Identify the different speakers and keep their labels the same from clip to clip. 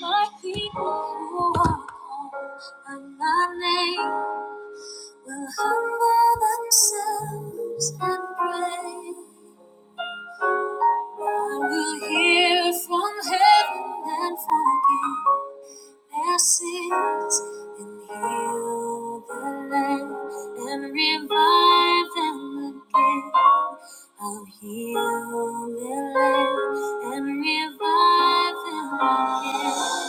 Speaker 1: My people who are called by my name will humble themselves and pray. I will hear from heaven and forgive their sins and heal the land and revive them again. I'll heal the land and revive them again.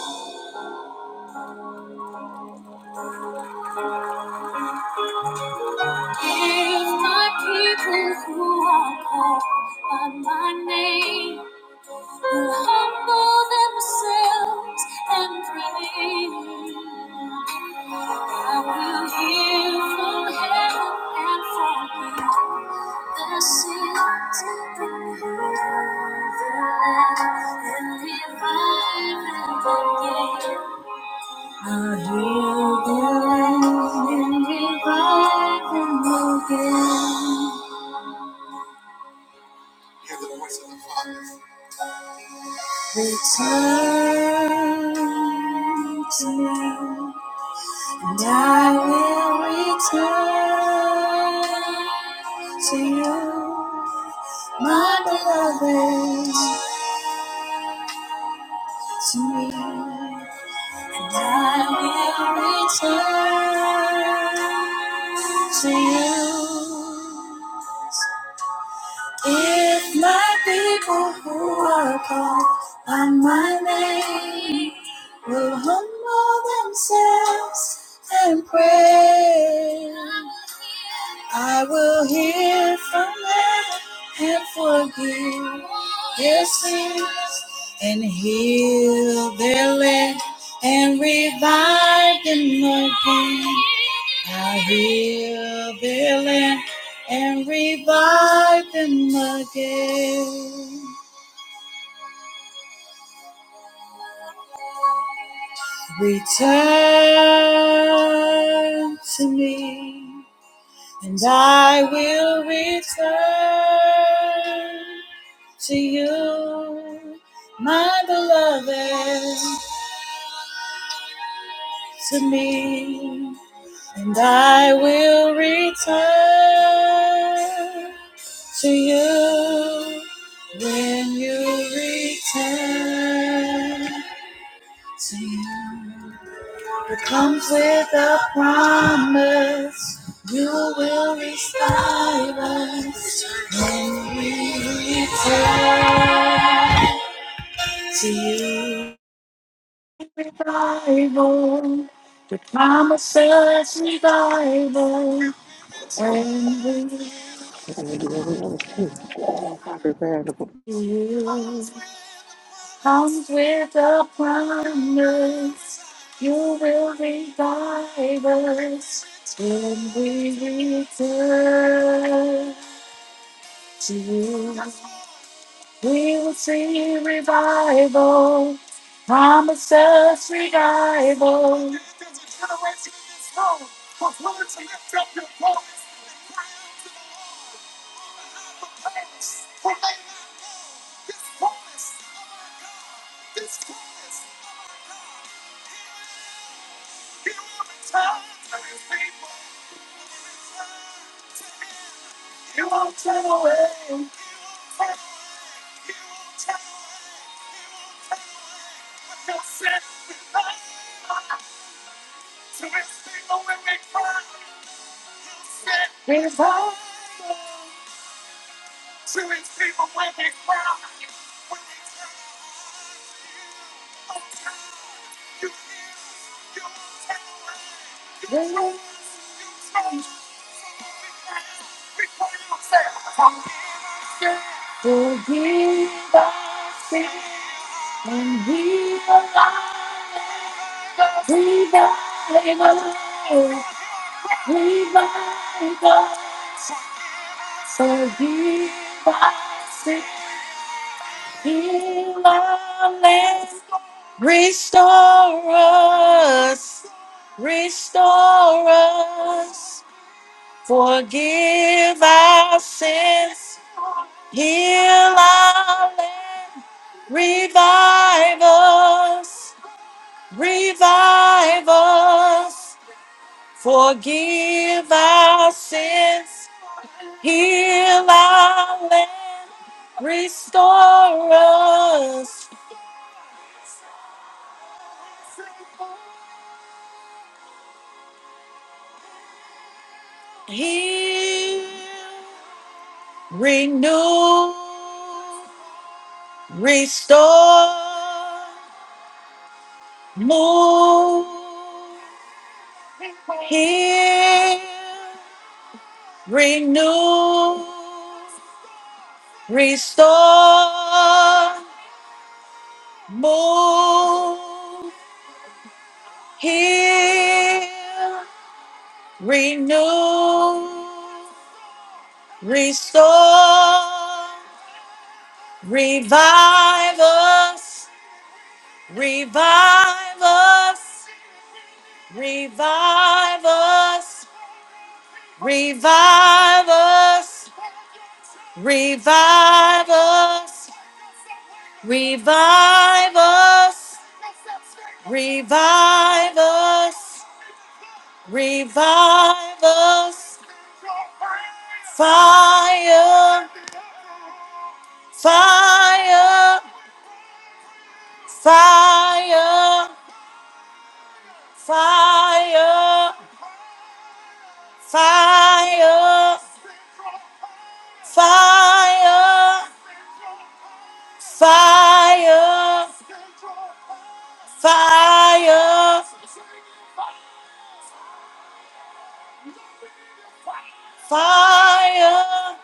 Speaker 1: If my people who are called by my name who humble themselves and pray, I will hear from heaven and forgive their sins and remove their land and revive them again. I hear the land and revive them again. Return to me, and I will return to you, my beloved, to me, and I will return to you. If my people who are called by my name will humble themselves and pray, I will hear from heaven and forgive their sins and heal their land and revive them again. I heal their land and revive them again. Return to me, and I will return to you, my beloved, to me, and I will return to you when you return to you. comes with a promise you will restore us to return to you. Revival, the promises revival when we to
Speaker 2: Oh, I prepared
Speaker 1: you comes with a promise you will revive us when we return to you. We will see revival. Promise us revival. Revival. Revival. Forgive us and heal us. Revival. Revival. Forgive us and heal our land. Restore us. Restore us. Forgive our sins, heal our land, revive us, revive us. Forgive our sins, heal our land, restore us, heal, renew, restore, move. Heal, renew, restore, move, heal, renew, restore, revive us, revive us, revive us, revive us. Revive us. Revive us. Revive us. Revive us. Fire. Fire. Fire. Fire. Fire. Fire. Fire. Fire. Fire.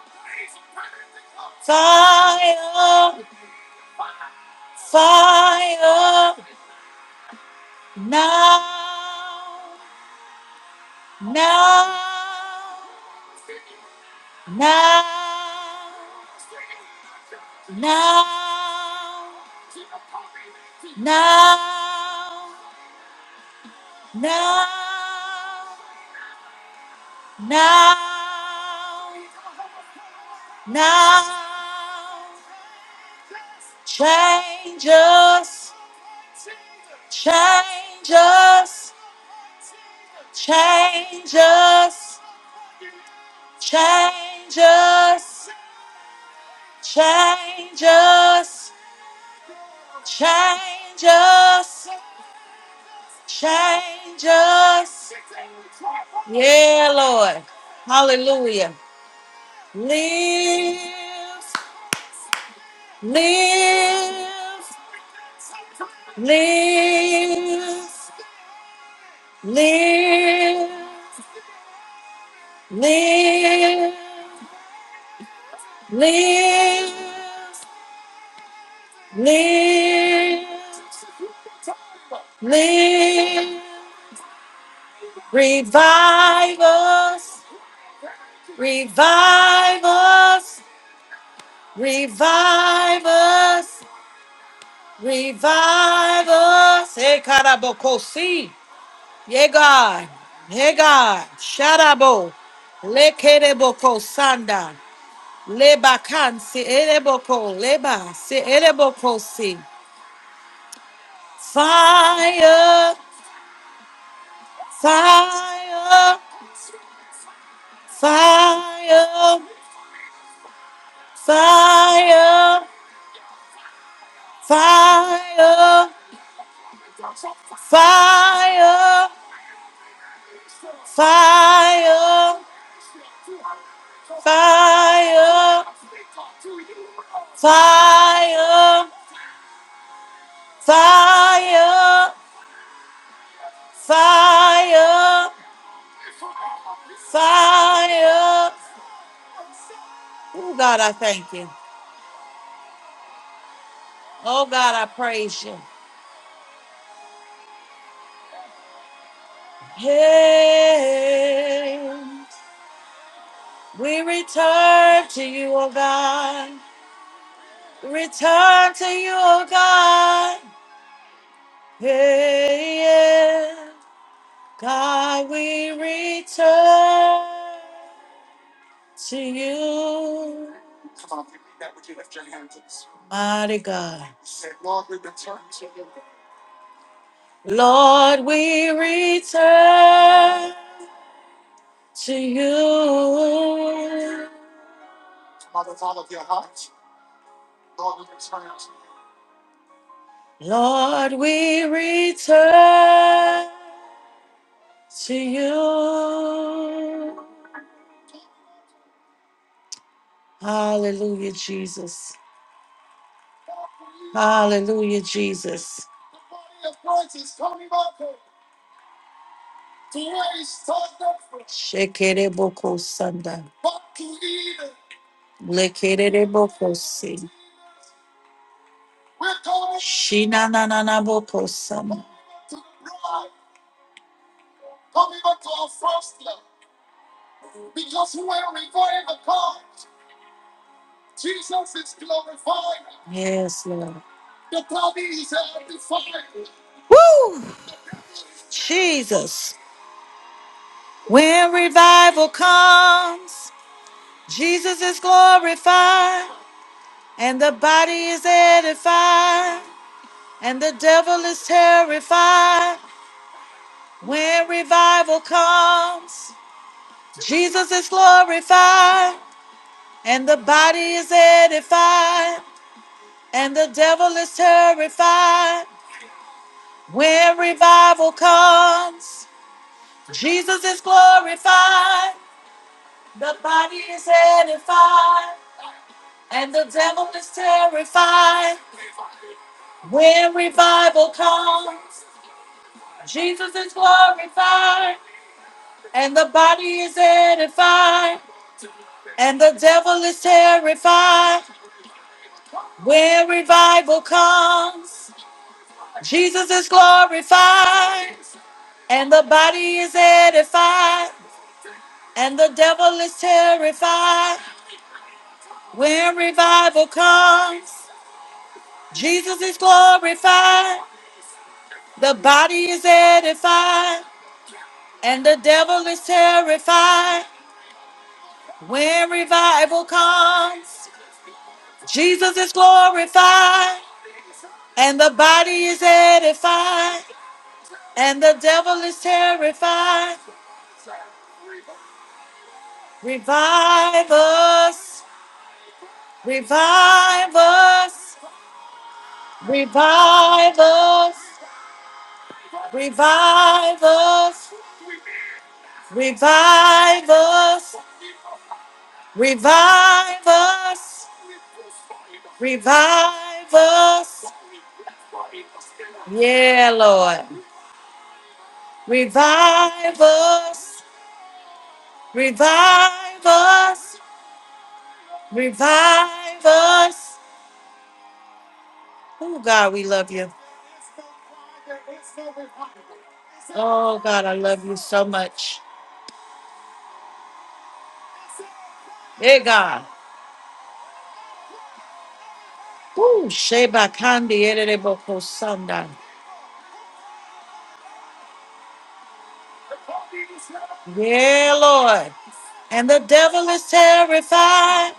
Speaker 1: Fire, fire, now, now, now, now, now, now, now, now. Change us, change us, Change us, change us, change us, change us, change us. Yeah, Lord. Hallelujah. Live, live, live, live, live, live, live. Live, revive us, revive us, revive us, revive us. Hey, Karabokosi. Yeah, God. Hey, God. Sharabo. Le kereboko, sanda. Leba kan si ereboko. Leba si ereboko si. Fire, fire, fire. Fire, fire, fire, fire, fire, fire, fire, fire, fire. Oh God, I thank you. Oh God, I praise you. Hey, we return to you, oh God. Return to you, oh God. Hey, yeah. God, we return to you, mighty God. Lord, we return to you. Lord, we return to you. Hallelujah, Jesus. Hallelujah, Jesus. Shekere boko sanda. Lekerere bokosi. Shina na na na bokosama. Yes, Lord. Woo! Jesus. When revival comes, Jesus is glorified, and the body is edified, and the devil is terrified. When revival comes, Jesus is glorified, and the body is edified, and the devil is terrified. When revival comes, Jesus is glorified, the body is edified, and the devil is terrified. When revival comes, Jesus is glorified, and the body is edified, and the devil is terrified. When revival comes, Jesus is glorified, and the body is edified, and the devil is terrified. When revival comes, Jesus is glorified, the body is edified, and the devil is terrified. When revival comes, Jesus is glorified, and the body is edified, and the devil is terrified. Revive us, revive us, revive us, revive us. Revive us, revive us, revive us. Yeah, Lord. Revive us, revive us, revive us. Oh, God, we love you. Oh, God, I love you so much. Hey, God. Ooh, Sheba Kandi Ereboko Sanda. Yeah, Lord. And the devil is terrified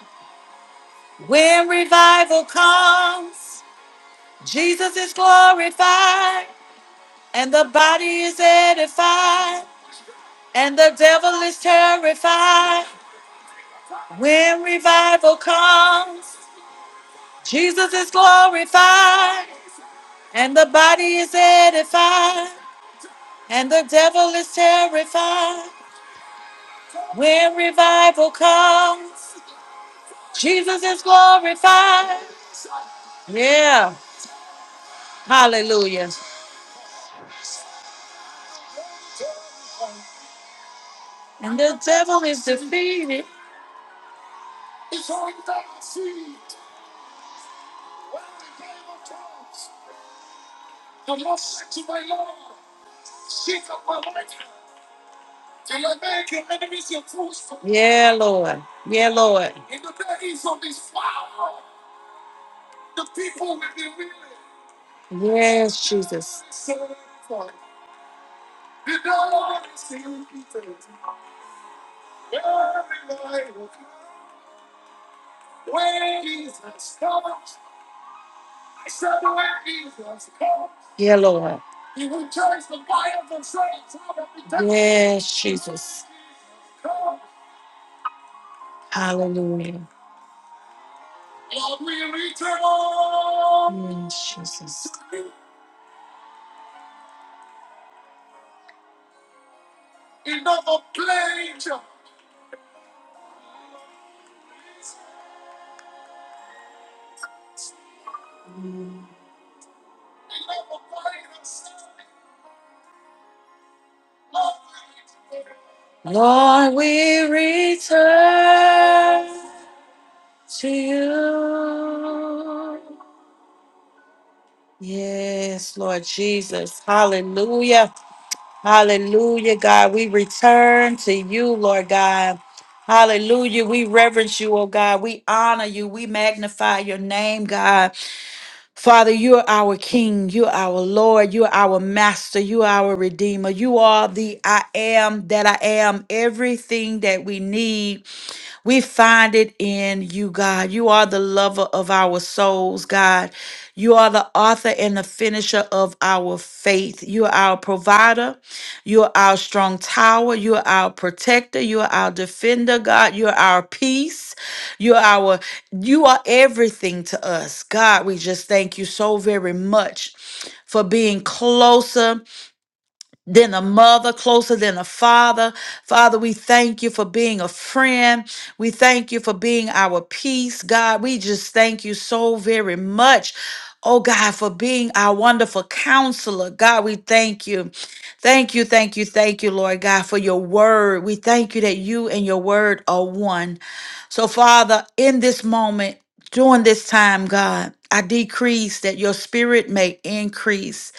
Speaker 1: when revival comes. Jesus is glorified, and the body is edified, and the devil is terrified. When revival comes, Jesus is glorified, and the body is edified, and the devil is terrified. When revival comes, Jesus is glorified. Yeah, hallelujah. And the devil is defeated. Yeah, Lord. Yeah, Lord. Yes, Jesus. Yeah, Lord. Yes, Jesus. Hallelujah. Yes, Jesus. Lord, we return to you. Yes, Lord Jesus. Hallelujah. Hallelujah, God. We return to you, Lord God. Hallelujah. We reverence you, oh God. We honor you. We magnify your name, God. Father, you're our King. You're our Lord. You're our Master. You're our Redeemer. You are the I am that I am, everything that we need. We find it in you, God. You are the lover of our souls, God. You are the author and the finisher of our faith. You are our provider. You are our strong tower. You are our protector. You are our defender, God. You are our peace. You are our you are everything to us. God, we just thank you so very much for being closer than a mother, closer than a father. Father, we thank you for being a friend. We thank you for being our peace, God. We just thank you so very much. Oh God, for being our wonderful counselor. God, we thank you. Thank you, thank you, thank you, Lord God, for your word. We thank you that you and your word are one. So, Father, in this moment, during this time, God, I decrease that your spirit may increase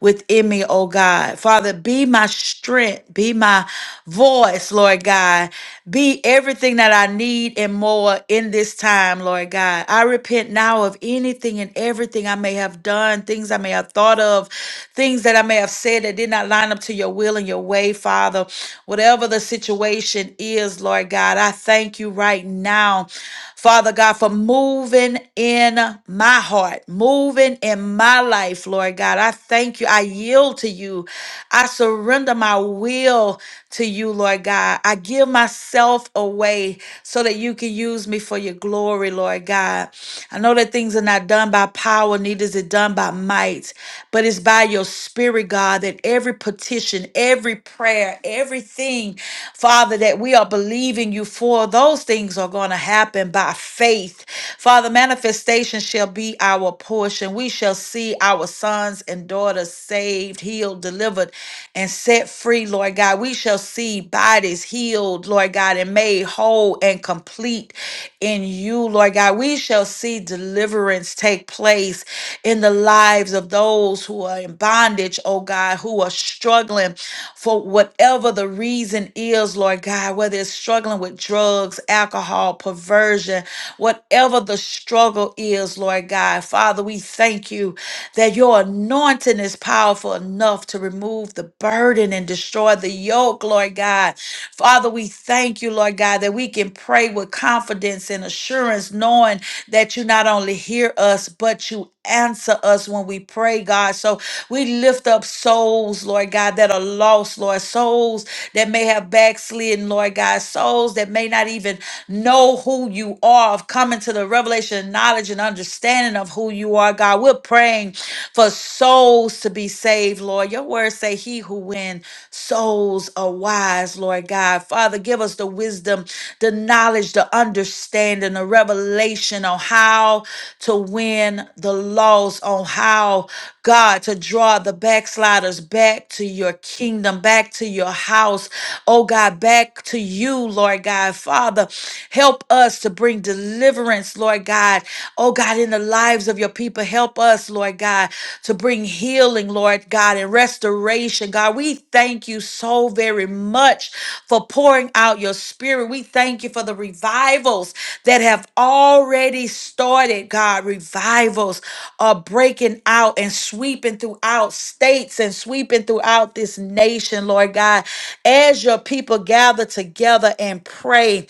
Speaker 1: within me, oh God. Father, be my strength, be my voice, Lord God. Be everything that I need and more in this time, Lord God. I repent now of anything and everything I may have done, things I may have thought of, things that I may have said that did not line up to your will and your way, Father. Whatever the situation is, Lord God, I thank you right now Father God, for moving in my heart, moving in my life, Lord God. I thank you. I yield to you. I surrender my will to you, Lord God. I give myself away so that you can use me for your glory, Lord God. I know that things are not done by power, neither is it done by might, but it's by your spirit, God, that every petition, every prayer, everything, Father, that we are believing you for, those things are going to happen by faith. Father, manifestation shall be our portion. We shall see our sons and daughters saved, healed, delivered, and set free, Lord God. We shall see bodies healed, Lord God, and made whole and complete in you, Lord God. We shall see deliverance deliverance take place in the lives of those who are in bondage, oh God, who are struggling for whatever the reason is, Lord God, whether it's struggling with drugs, alcohol, perversion, whatever the struggle is, Lord God. Father, we thank you that your anointing is powerful enough to remove the burden and destroy the yoke, Lord God. Father, we thank you, Lord God, that we can pray with confidence and assurance, knowing that you not only hear us, but you answer us when we pray, God. So we lift up souls, Lord God, that are lost, Lord, souls that may have backslidden, Lord God, souls that may not even know who you are, of coming to the revelation, and knowledge, and understanding of who you are, God. We're praying for souls to be saved saved, Lord. Your word say he who win souls are wise, Lord God. Father, give us the wisdom, the knowledge, the understanding, the revelation on how to win the lost, on how, God, to draw the backsliders back to your kingdom, back to your house, oh God, back to you, Lord God. Father, help us to bring deliverance, Lord God. Oh God, in the the lives of your people. Help us, Lord God, to bring healing, Lord God, and restoration. God, we thank you so very much for pouring out your spirit. We thank you for the revivals that have already started, God. Revivals are breaking out and sweeping throughout states and sweeping throughout this nation, Lord God, as your people gather together and pray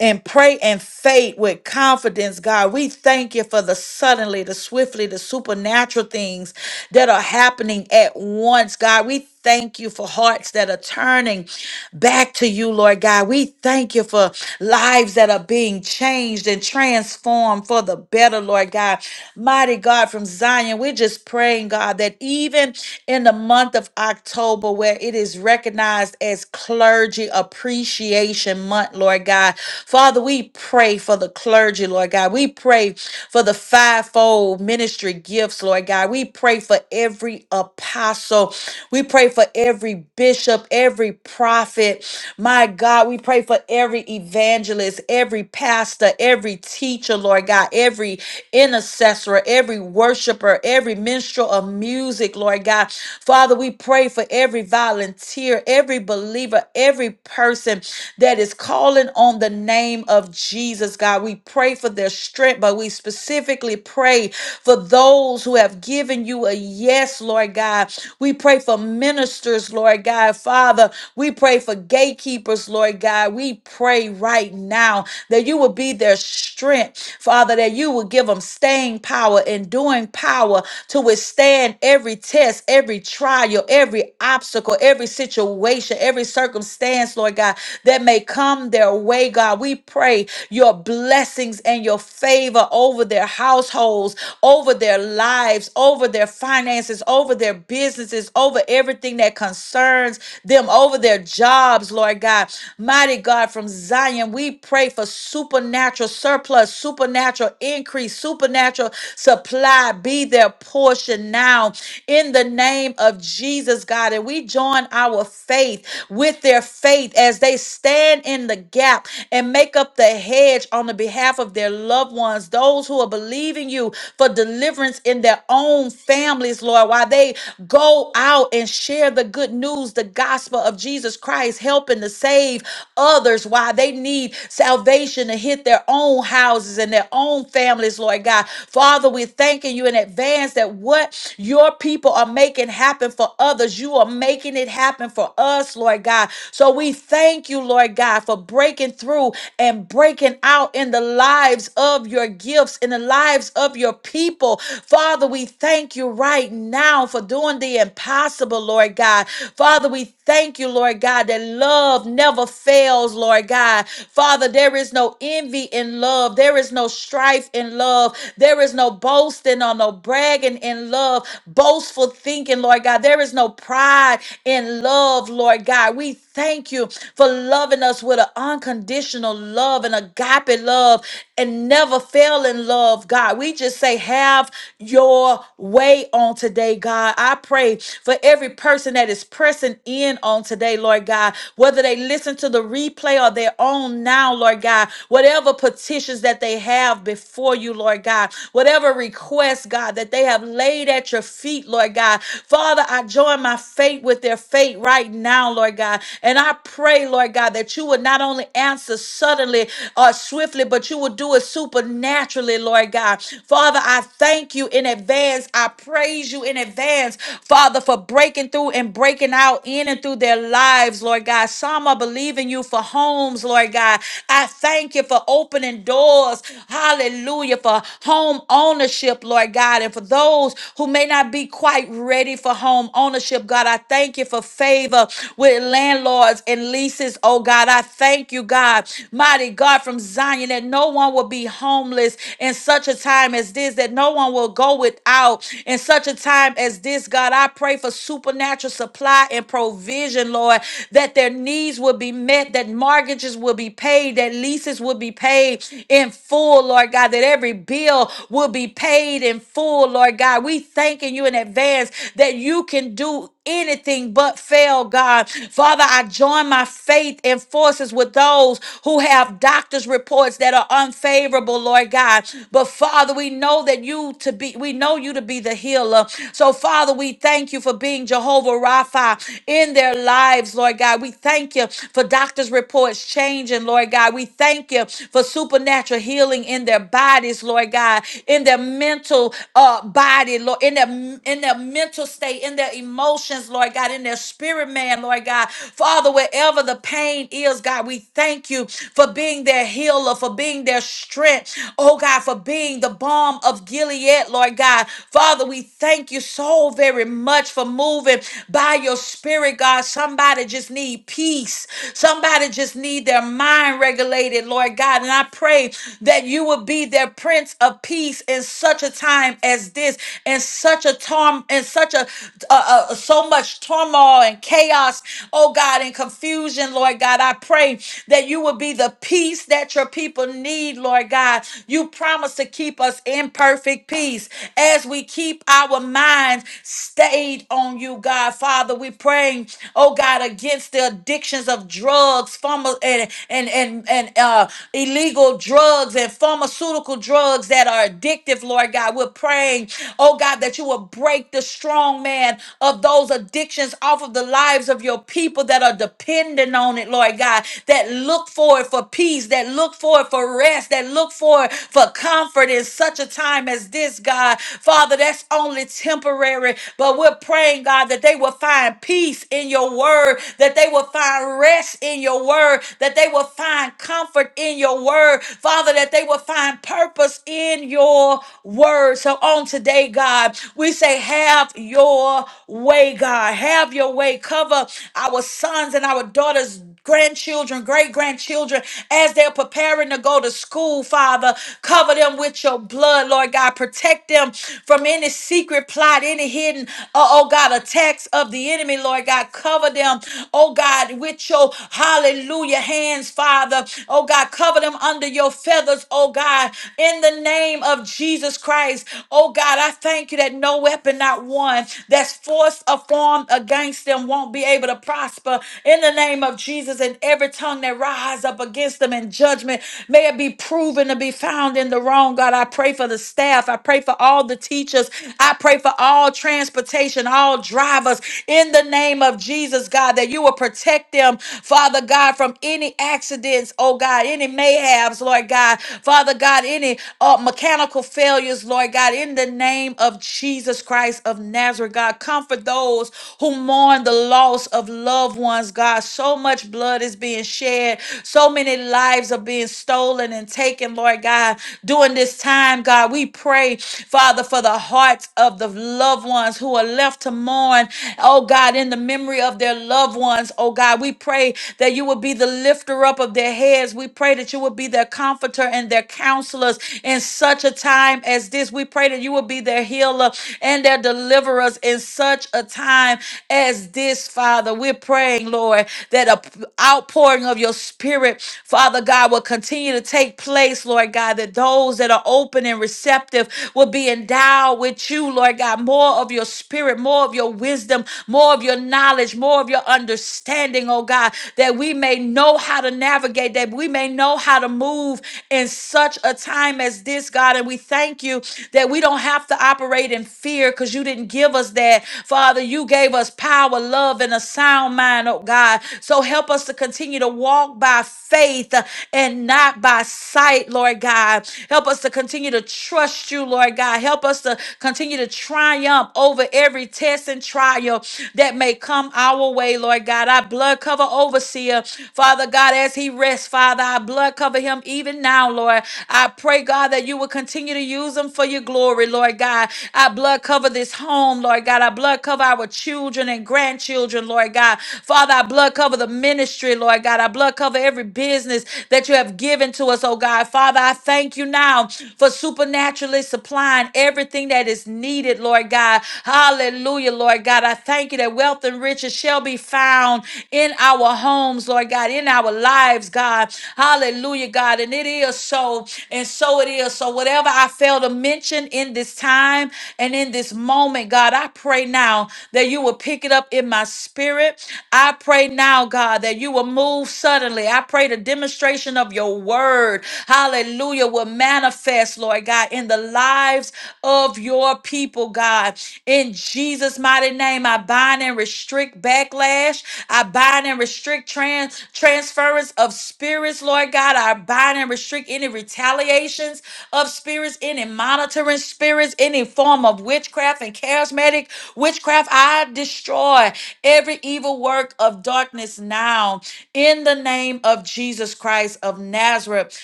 Speaker 1: and pray and faith with confidence, God. We thank you for the suddenly, the swiftly, the supernatural things that are happening at once, God. We thank you for hearts that are turning back to you, Lord God. We thank you for lives that are being changed and transformed for the better, Lord God. Mighty God from Zion, we're just praying, God, that even in the month of October, where it is recognized as Clergy Appreciation Month, month, Lord God. Father, we pray for the clergy, Lord God. We pray for the fivefold ministry gifts, Lord God. We pray for every apostle. We pray for every bishop, every prophet. My God, we pray for every evangelist, every pastor, every teacher, Lord God, every intercessor, every worshiper, every minstrel of music, Lord God. Father, we pray for every volunteer, every believer, every person person that is calling on the name of Jesus, God. We pray for their strength, but we specifically pray for those who have given you a yes, Lord God. We pray for ministers, Lord God. Father, we pray for gatekeepers, Lord God. We pray right now that you will be their strength, Father, that you will give them staying power, enduring power to withstand every test, every trial, every obstacle, every situation, every circumstance circumstance, Lord God, that may come their way, God. We pray your blessings and your favor over their households, over their lives, over their finances, over their businesses, over everything that concerns them, over their jobs, Lord God. Mighty God, from Zion, we pray for supernatural surplus, supernatural increase, supernatural supply be their portion now in the name of Jesus, God. And we join our our faith, with their faith, as they stand in the gap and make up the hedge on the behalf of their loved ones, those who are believing you for deliverance in their own families, Lord, while they go out and share the good news, the gospel of Jesus Christ, helping to save others while they need salvation to hit their own houses and their own families, Lord God. Father, we're thanking you in advance that what your people are making happen for others, you are you are making it happen for us, Lord God. So we thank you, Lord God, for breaking through and breaking out in the lives of your gifts, in the lives of your people. Father, we thank you right now for doing the impossible, Lord God. Father, we thank you, Lord God, that love never fails, Lord God. Father, there is no envy in love, there is no strife in love, there is no boasting or no bragging in love, boastful thinking, Lord. Lord God. There is no pride in love, Lord God. We thank you for loving us with an unconditional love and agape love and never failing love, God. We just say, have your way on today, God. I pray for every person that is pressing in on today, Lord God, whether they listen to the replay or their own now, Lord God, whatever petitions that they have before you, Lord God, whatever requests, God, that they have laid at your feet feet, Lord God. Father, I join my faith with their faith right now, Lord God. And I pray, Lord God, that you would not only answer suddenly or swiftly, but you would do it supernaturally, Lord God. Father, I thank you in advance. I praise you in advance, Father, for breaking through and breaking out in and through their lives, Lord God. Some are believing you for homes, Lord God. I thank you for opening doors. Hallelujah. For home ownership, Lord God. And for those those who may not be quite ready for home ownership. God, I thank you for favor with landlords and leases. Oh God, I thank you, God, mighty God from Zion, that no one will be homeless in such a time as this, that no one will go without in such a time as this. God, I pray for supernatural supply and provision, Lord, that their needs will be met, that mortgages will be paid, that leases will be paid in full, Lord God, that every bill will be paid paid in full, Lord God. We thanking you in advance that you can do anything but fail, God. Father, I join my faith and forces with those who have doctors' reports that are unfavorable, Lord God. But Father, we know that you to be, we know you to be the healer. So, Father, we thank you for being Jehovah Rapha in their lives, Lord God. We thank you for doctors' reports changing, Lord God. We thank you for supernatural healing in their bodies, Lord God. God, in their mental uh, body, Lord, in their in their mental state, in their emotions, Lord God, in their spirit, man, Lord God. Father, wherever the pain is, God, we thank you for being their healer, for being their strength, oh God, for being the balm of Gilead, Lord God. Father, we thank you so very much for moving by your spirit, God. Somebody just need peace. Somebody just need their mind regulated, Lord God. And I pray that you would be be their prince of peace in such a time as this, in such a torm, in such a uh, uh, so much turmoil and chaos, oh God, and confusion, Lord God. I pray that you will be the peace that your people need, Lord God. You promise to keep us in perfect peace as we keep our minds stayed on you, God. Father, we pray, oh God, against the addictions of drugs, pharma, and and and, and uh, illegal drugs drugs and pharmaceutical drugs that are addictive, Lord God. We're praying, oh God, that you will break the strong man of those addictions off of the lives of your people that are dependent on it, Lord God, that look for it for peace, that look for it for rest, that look for it for comfort in such a time as this, God. Father, that's only temporary, but we're praying, God, that they will find peace in your word, that they will find rest in your word, that they will find comfort in your word, Father, that they will find purpose in your word. So on today, God, we say, have your way, God. Have your way. Cover our sons and our daughters grandchildren, great grandchildren, as they're preparing to go to school, Father. Cover them with your blood, Lord God. Protect them from any secret plot, any hidden, uh, oh God, attacks of the enemy, Lord God. Cover them, oh God, with your hallelujah hands, Father. Father. Oh God, cover them under your feathers, oh God, in the name of Jesus Christ. Oh God, I thank you that no weapon, not one, that's forced or formed against them won't be able to prosper in the name of Jesus. And every tongue that rise up against them in judgment, may it be proven to be found in the wrong. God, I pray for the staff. I pray for all the teachers. I pray for all transportation, all drivers in the name of Jesus, God, that you will protect them, Father God. God, from any accidents, oh God, any mayhaps, Lord God, Father God, any uh, mechanical failures, Lord God, in the name of Jesus Christ of Nazareth, God, comfort those who mourn the loss of loved ones, God. So much blood is being shed, so many lives are being stolen and taken, Lord God. During this time, God, we pray, Father, for the hearts of the loved ones who are left to mourn, oh God, in the memory of their loved ones, oh God we pray that you would be the lifter up of their heads. We pray that you would be their comforter and their counselors in such a time as this. We pray that you would be their healer and their deliverers in such a time as this, Father. We're praying, Lord, that a p- outpouring of your spirit, Father God, will continue to take place, Lord God, that those that are open and receptive will be endowed with you, Lord God, more of your spirit, more of your wisdom, more of your knowledge, more of your greater understanding, oh God, that we may know how to navigate, that we may know how to move in such a time as this, God. And we thank you that we don't have to operate in fear because you didn't give us that. Father, you gave us power, love, and a sound mind, oh God. So help us to continue to walk by faith uh, and not by sight, Lord God. Help us to continue to trust you, Lord God. Help us to continue to triumph over every test and trial that may may come our way, Lord God. I blood cover overseer, Father God, as he rests, Father, I blood cover him even now, Lord. I pray, God, that you will continue to use him for your glory, Lord God. I blood cover this home, Lord God. I blood cover our children and grandchildren, Lord God. Father, I blood cover the ministry, Lord God. I blood cover every business that you have given to us, oh God. Father, I thank you now for supernaturally supplying everything that is needed, Lord God. Hallelujah, Lord. Lord God. I thank you that wealth and riches shall be found in our homes, Lord God, in our lives, God. Hallelujah, God. And it is so, and so it is. So, whatever I fail to mention in this time and in this moment, God, I pray now that you will pick it up in my spirit. I pray now, God, that you will move suddenly. I pray the demonstration of your word, hallelujah, will manifest, Lord God, in the lives of your people, God In in Jesus' mighty name, I bind and restrict backlash. I bind and restrict trans transference of spirits, Lord God. I bind and restrict any retaliations of spirits, any monitoring spirits, any form of witchcraft and charismatic witchcraft. I destroy every evil work of darkness now in the name of Jesus Christ of Nazareth.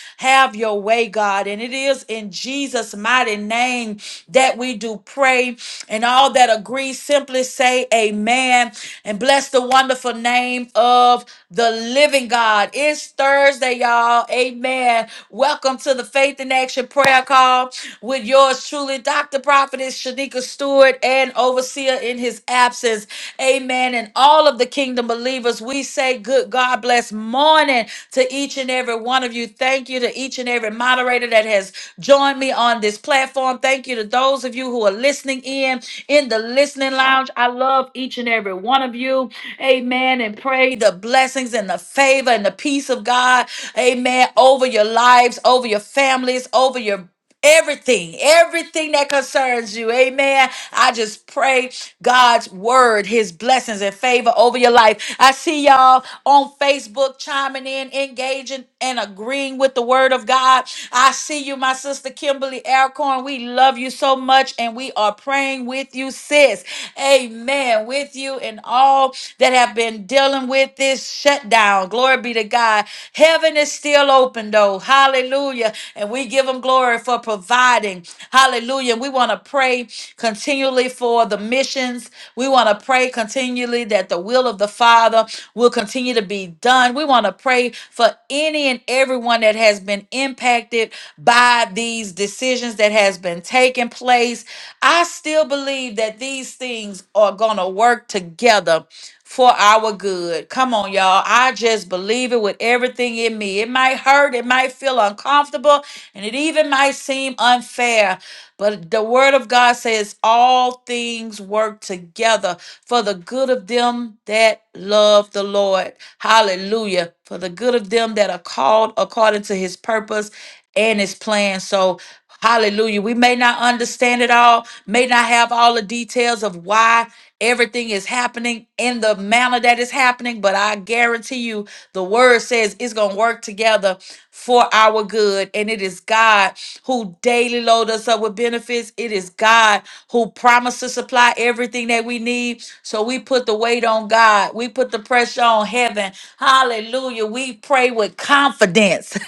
Speaker 1: Have your way, God. And it is in Jesus' mighty name that we do pray pray. And all that agree, simply say amen and bless the wonderful name of the living God. It's Thursday, y'all. Amen. Welcome to the Faith in Action Prayer Call with yours truly, Dr. Prophetess Shanika Stewart and Overseer in his absence. Amen. And all of the kingdom believers, we say good God bless morning to each and every one of you. Thank you to each and every moderator that has joined me on this platform. Thank you to those of you who are listening in in the listening lounge. I love each and every one of you. Amen. And pray the blessings and the favor and the peace of God. Amen. Over your lives, over your families, over your everything, everything that concerns you. Amen. I just pray God's word, his blessings and favor over your life. I see y'all on Facebook chiming in, engaging and agreeing with the word of God. I see you, my sister Kimberly Alcorn. We love you so much and we are praying with you, sis. Amen. With you and all that have been dealing with this shutdown. Glory be to God. Heaven is still open though. Hallelujah. And we give them glory for providing. Hallelujah. And we want to pray continually for the missions. We want to pray continually that the will of the Father will continue to be done. We want to pray for any and everyone that has been impacted by. God, these decisions that has been taking place, I still believe that these things are going to work together for our good. Come on, y'all. I just believe it with everything in me. It might hurt, it might feel uncomfortable, and it even might seem unfair. But the word of God says all things work together for the good of them that love the Lord. Hallelujah. For the good of them that are called according to his purpose and his plan. So, hallelujah. We may not understand it all, may not have all the details of why everything is happening in the manner that is happening, but I guarantee you the word says it's going to work together for our good. And it is God who daily load us up with benefits. It is God who promised to supply everything that we need. So we put the weight on God. We put the pressure on heaven. Hallelujah. We pray with confidence.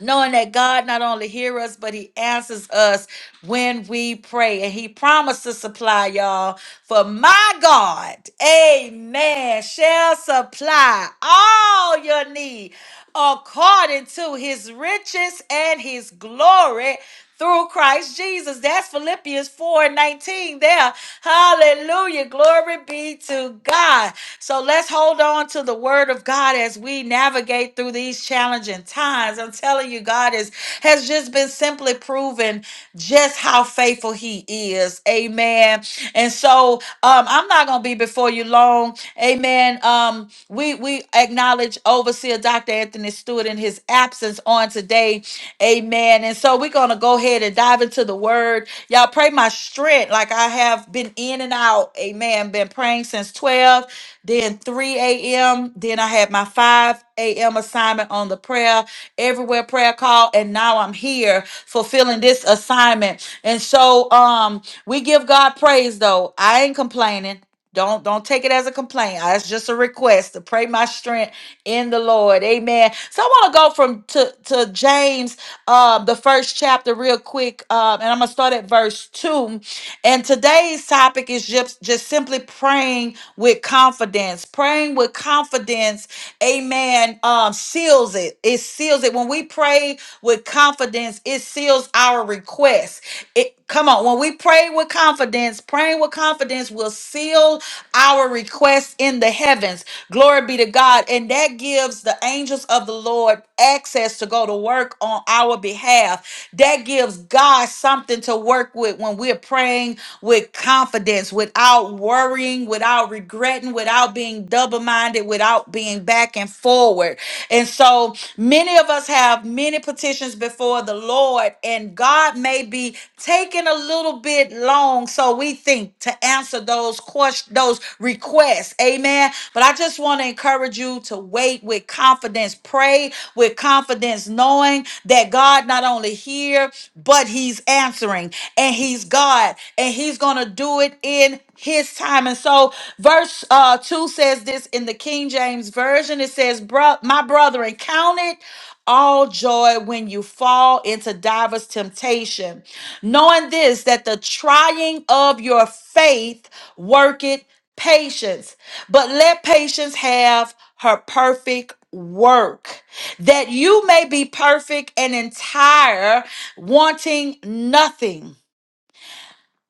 Speaker 1: knowing that God not only hears us, but He answers us when we pray. And He promised to supply y'all. For my God, amen, shall supply all your need according to His riches and His glory through Christ Jesus. That's Philippians 4 and 19 there. Hallelujah. Glory be to God. So let's hold on to the word of God as we navigate through these challenging times. I'm telling you, God is has just been simply proven just how faithful he is. Amen. And so um, I'm not gonna be before you long. Amen. Um, we we acknowledge overseer Dr. Anthony Stewart in his absence on today. Amen. And so we're going to go ahead and dive into the word. Y'all pray my strength like I have been in and out. Amen. Been praying since 12, then 3 a.m. Then I had my 5 a.m. assignment on the prayer, everywhere prayer call. And now I'm here fulfilling this assignment. And so um we give God praise though. I ain't complaining. Don't don't take it as a complaint. That's just a request to pray my strength in the Lord. Amen. So I want to go from to, to James, um, the first chapter, real quick, um, and I'm gonna start at verse two. And today's topic is just just simply praying with confidence. Praying with confidence, Amen. Um, seals it. It seals it when we pray with confidence. It seals our request yes. It come on. When we pray with confidence, praying with confidence will seal our requests in the heavens. Glory be to God. And that gives the angels of the Lord access to go to work on our behalf. That gives God something to work with when we're praying with confidence, without worrying, without regretting, without being double minded, without being back and forward. And so know, many of us have many petitions before the Lord, and God may be taking a little bit long, so we think to answer those questions, those requests. Amen. But I just want to encourage you to wait with confidence, pray with confidence, knowing that God not only hear, but He's answering, and He's God, and He's gonna do it in His time. And so, verse. Verse uh, 2 says this in the King James Version. It says, Bro- My brethren, count it all joy when you fall into divers temptation, knowing this, that the trying of your faith worketh patience. But let patience have her perfect work, that you may be perfect and entire, wanting nothing.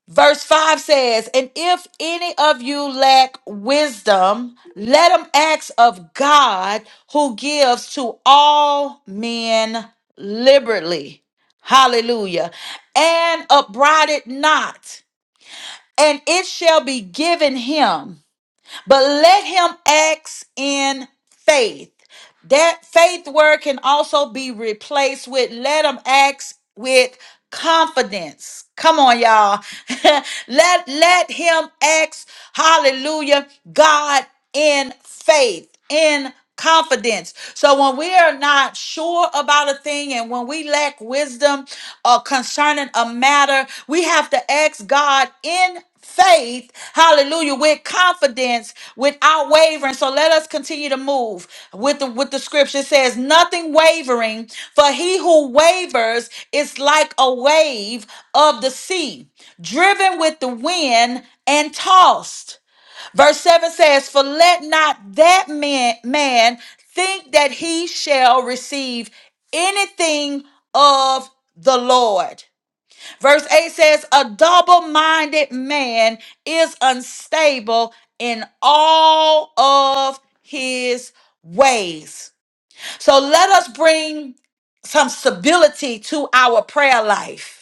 Speaker 1: Verse 5 says, And if any of you lack wisdom, let him ask of God who gives to all men liberally. Hallelujah. And upbraid it not, and it shall be given him but let him act in faith. That faith word can also be replaced with let him act with confidence. Come on, y'all. let let him act, hallelujah, God in faith, in confidence. So when we are not sure about a thing and when we lack wisdom uh, concerning a matter, we have to ask God in faith, hallelujah, with confidence, without wavering. So let us continue to move with the with the scripture It says nothing wavering, for he who wavers is like a wave of the sea, driven with the wind and tossed. Verse 7 says, For let not that man, man think that he shall receive anything of the Lord. Verse 8 says, A double minded man is unstable in all of his ways. So let us bring some stability to our prayer life.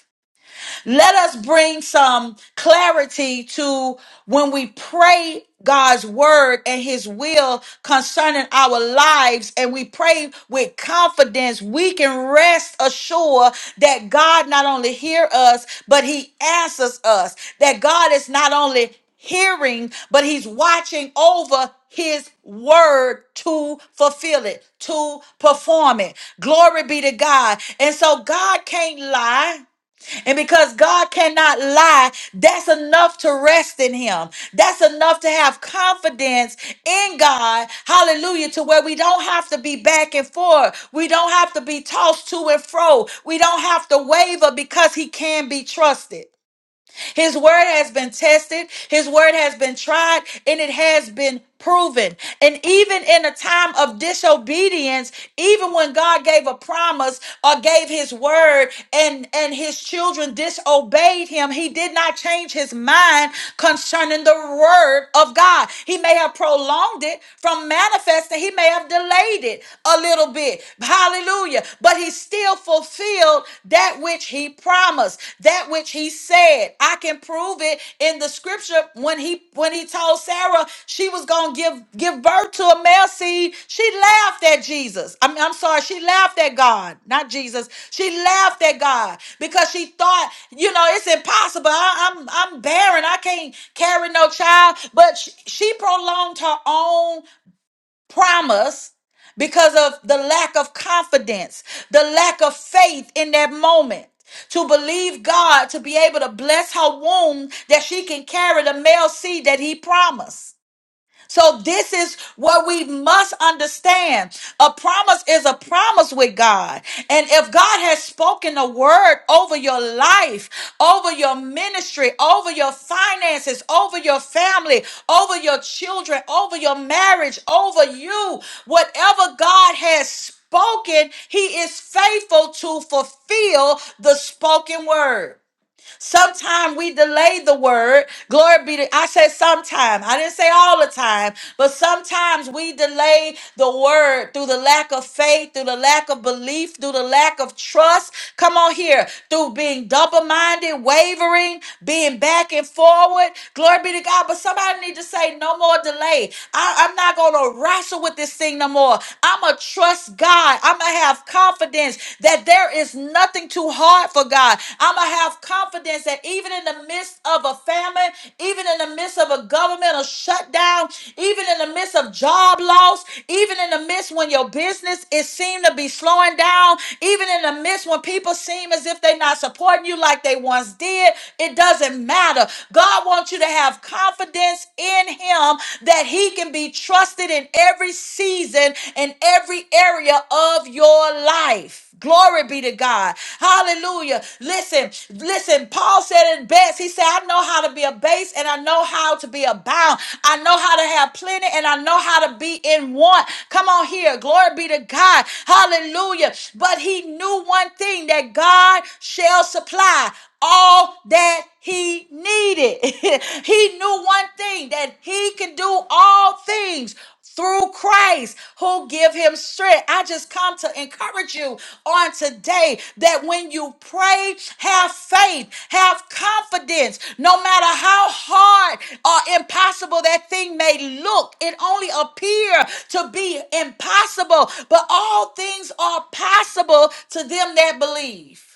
Speaker 1: Let us bring some clarity to when we pray God's word and his will concerning our lives and we pray with confidence we can rest assured that God not only hear us but he answers us that God is not only hearing but he's watching over his word to fulfill it to perform it glory be to God and so God can't lie and because God cannot lie, that's enough to rest in Him. That's enough to have confidence in God. Hallelujah. To where we don't have to be back and forth. We don't have to be tossed to and fro. We don't have to waver because He can be trusted. His word has been tested, his word has been tried, and it has been proven. And even in a time of disobedience, even when God gave a promise or gave his word and and his children disobeyed him, he did not change his mind concerning the word of God. He may have prolonged it from manifesting, he may have delayed it a little bit. Hallelujah. But he still fulfilled that which he promised, that which he said. I can prove it in the scripture when he when he told Sarah she was gonna give give birth to a male seed. She laughed at Jesus. I'm, I'm sorry, she laughed at God, not Jesus. She laughed at God because she thought, you know, it's impossible. I, I'm I'm barren. I can't carry no child. But she, she prolonged her own promise because of the lack of confidence, the lack of faith in that moment. To believe God to be able to bless her womb that she can carry the male seed that He promised. So this is what we must understand. A promise is a promise with God. And if God has spoken a word over your life, over your ministry, over your finances, over your family, over your children, over your marriage, over you, whatever God has spoken, he is faithful to fulfill the spoken word. Sometimes we delay the word. Glory be to I said sometime. I didn't say all the time, but sometimes we delay the word through the lack of faith, through the lack of belief, through the lack of trust. Come on here. Through being double-minded, wavering, being back and forward. Glory be to God. But somebody need to say no more delay. I, I'm not gonna wrestle with this thing no more. I'ma trust God. I'ma have confidence confidence that there is nothing too hard for God. I'm going to have confidence that even in the midst of a famine, even in the midst of a governmental shutdown, even in the midst of job loss, even in the midst when your business is seem to be slowing down, even in the midst when people seem as if they're not supporting you like they once did, it doesn't matter. God wants you to have confidence in him that he can be trusted trusted in every season and every area of your life. Glory be to God. Hallelujah. Listen, listen. Paul said it best. He said, I know how to be abased and I know how to be abound. I know how to have plenty and I know how to be in want. Come on here. Glory be to God. Hallelujah. But he knew one thing that God shall supply all that he needed. he knew one thing that he can do all things through Christ who give him strength. I just come to encourage you on today that when you pray, have faith, have confidence, no matter how hard or impossible that thing may look, it only appear to be impossible, but all things are possible to them that believe.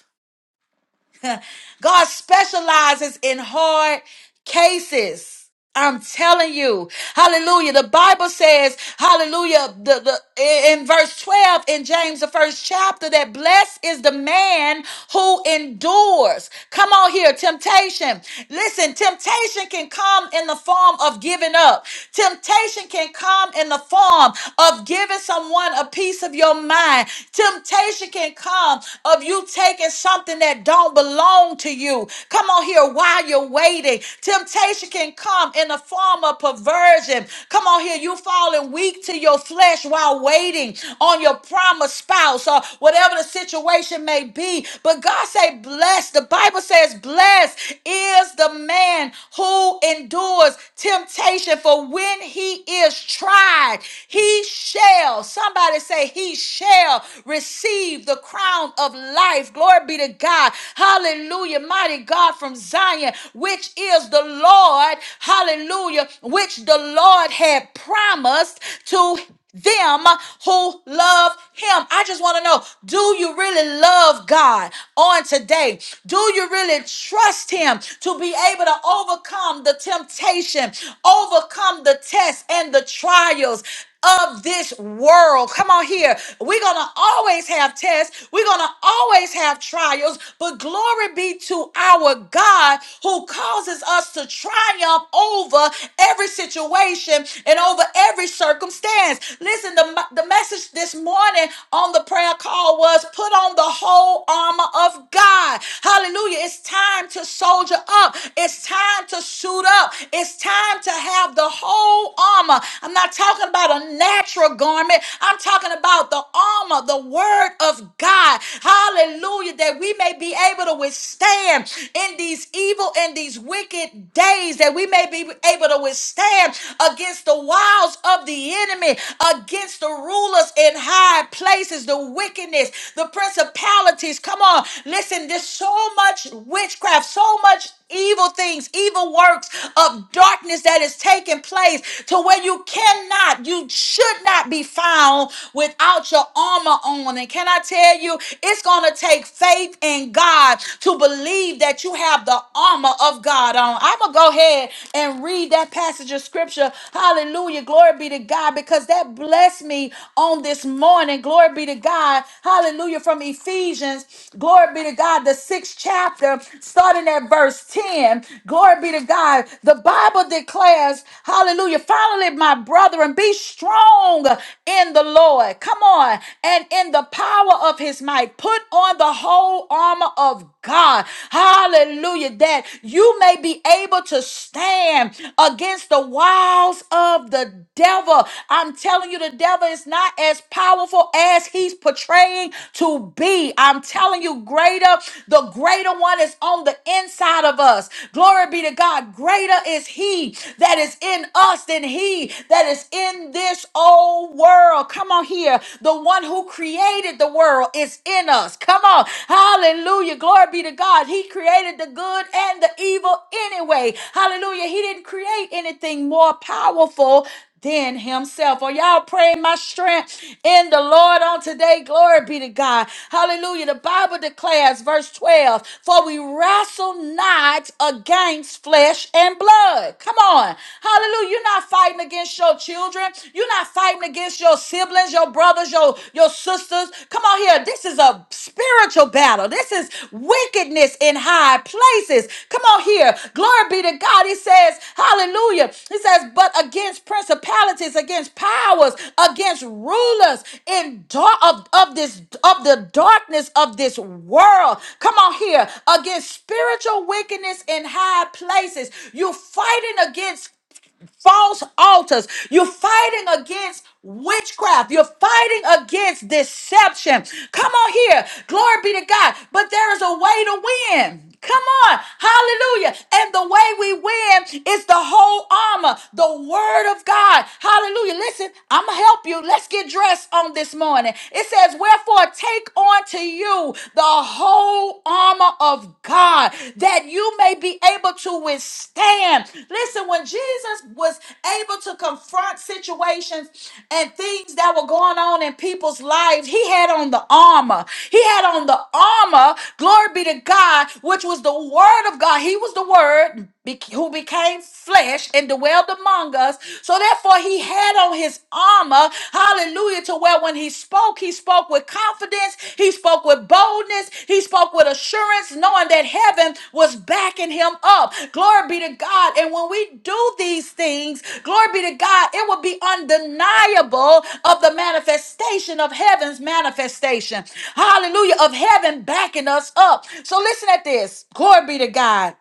Speaker 1: God specializes in hard cases. I'm telling you, hallelujah. The Bible says, hallelujah, the, the, in verse 12 in James, the first chapter, that blessed is the man who endures. Come on here, temptation. Listen, temptation can come in the form of giving up, temptation can come in the form of giving someone a piece of your mind. Temptation can come of you taking something that that don't belong to you. Come on here while you're waiting. Temptation can come in the form of perversion. Come on here, you falling weak to your flesh while waiting on your promised spouse or whatever the situation may be. But God say, blessed. The Bible says, blessed is the man who endures temptation. For when he is tried, he shall. Somebody say, he shall receive the crown of life life. Glory be to God. Hallelujah. Mighty God from Zion, which is the Lord. Hallelujah. Which the Lord had promised to them who love him. I just want to know, do you really love God on today? Do you really trust him to be able to overcome the temptation, overcome the tests and the trials? of this world. Come on here. We're going to always have tests. We're going to always have trials, but glory be to our God who causes us to triumph over every situation and over every circumstance. Listen, the, the message this morning on the prayer call was put on the whole armor of God. Hallelujah. It's time to soldier up. It's time to suit up. It's time to have the whole armor. I'm not talking talking about a natural garment. I'm talking about the armor, the word of God. Hallelujah. That we may be able to withstand in these evil and these wicked days, that we may be able to withstand against the wiles of the enemy, against the rulers in high places, the wickedness, the principalities. Come on, listen, there's so much witchcraft, so much evil things, evil works of darkness that is taking place to where you cannot cannot, you should not be found without your armor on. And can I tell you, it's going to take faith in God to believe that you have the armor of God on. I'm going to go ahead and read that passage of scripture. Hallelujah. Glory be to God because that blessed me on this morning. Glory be to God. Hallelujah. From Ephesians, glory be to God, the sixth chapter, starting at verse 10. Glory be to God. The Bible declares, hallelujah. Finally, it, my brother, and be strong in the Lord. Come on. And in the power of his might, put on the whole armor of God. Hallelujah. That you may be able to stand against the wiles of the devil. I'm telling you, the devil is not as powerful as he's portraying to be. I'm telling you, greater, the greater one is on the inside of us. Glory be to God. Greater is he that is in us trust in He that is in this old world. Come on here. The one who created the world is in us. Come on. Hallelujah. Glory be to God. He created the good and the evil anyway. Hallelujah. He didn't create anything more powerful than himself. Are y'all praying my strength in the Lord on today? Glory be to God. Hallelujah. The Bible declares, verse 12, for we wrestle not against flesh and blood. Come on. Hallelujah. You're not fighting against your children. You're not fighting against your siblings, your brothers, your, your sisters. Come on here. This is a spiritual spiritual battle. This is wickedness in high places. Come on here. Glory be to God. He says, Hallelujah. He says, but against principalities, against powers, against rulers in dark of, of this of the darkness of this world. Come on here. Against spiritual wickedness in high places. You're fighting against false altars. You're fighting against witchcraft. You're fighting against deception. Come on here. Glory be to God. But there is a way to win. Come on. Hallelujah. And the way we win is the whole armor, the word of God. Hallelujah. Listen, I'm going to help you. Let's get dressed on this morning. It says, Wherefore, take on to you the whole full armor of God that you may be able to withstand. Listen, when Jesus was able to confront situations and things that were going on in people's lives, he had on the armor. He had on the armor, glory be to God, which was the word of God. He was the word be- who became flesh and dwelled among us. So therefore, he had on his armor, hallelujah, to where when he spoke, he spoke with confidence, he spoke with boldness, he spoke with assurance, knowing that heaven was backing him up. Glory be to God. And when we do these things, glory be to God, it will be undeniable of the manifestation of heaven's manifestation. Hallelujah, of heaven backing us up. So listen at this. Glory be to God.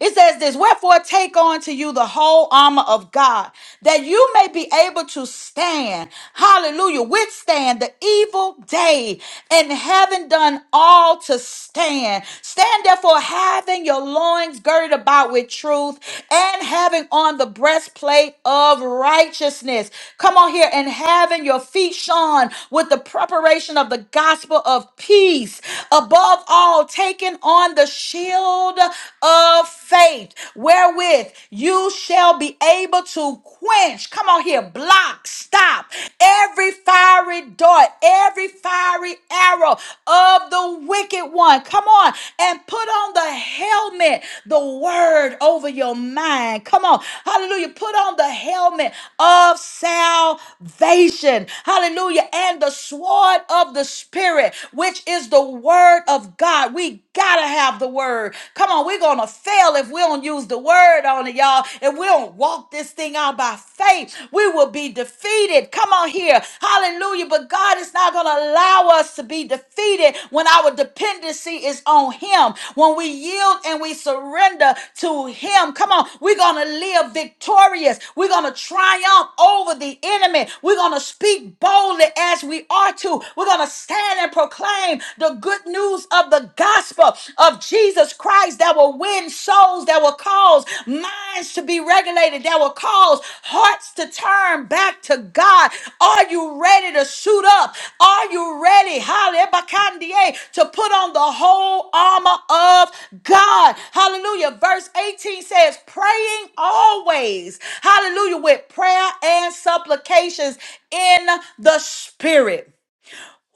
Speaker 1: It says this, wherefore take on to you the whole armor of God, that you may be able to stand, hallelujah, withstand the evil day, and having done all to stand. Stand therefore, having your loins girded about with truth, and having on the breastplate of righteousness. Come on here, and having your feet shod with the preparation of the gospel of peace. Above all, taking on the shield shield of faith, wherewith you shall be able to quench, come on here, block, stop every fiery dart, every fiery arrow of the wicked one. Come on and put on the helmet, the word over your mind. Come on, hallelujah. Put on the helmet of salvation, hallelujah, and the sword of the spirit, which is the word of of God. We gotta have the word. Come on, we're gonna fail if we don't use the word on it, y'all. If we don't walk this thing out by faith, we will be defeated. Come on here. Hallelujah. But God is not gonna allow us to be defeated when our dependency is on Him. When we yield and we surrender to Him, come on, we're gonna live victorious. We're gonna triumph over the enemy. We're gonna speak boldly as we are to. We're gonna stand and proclaim proclaim the good news of the gospel of Jesus Christ that will win souls, that will cause minds to be regulated, that will cause hearts to turn back to God. Are you ready to suit up? Are you ready, hallelujah, to put on the whole armor of God? Hallelujah. Verse 18 says, praying always, hallelujah, with prayer and supplications in the spirit.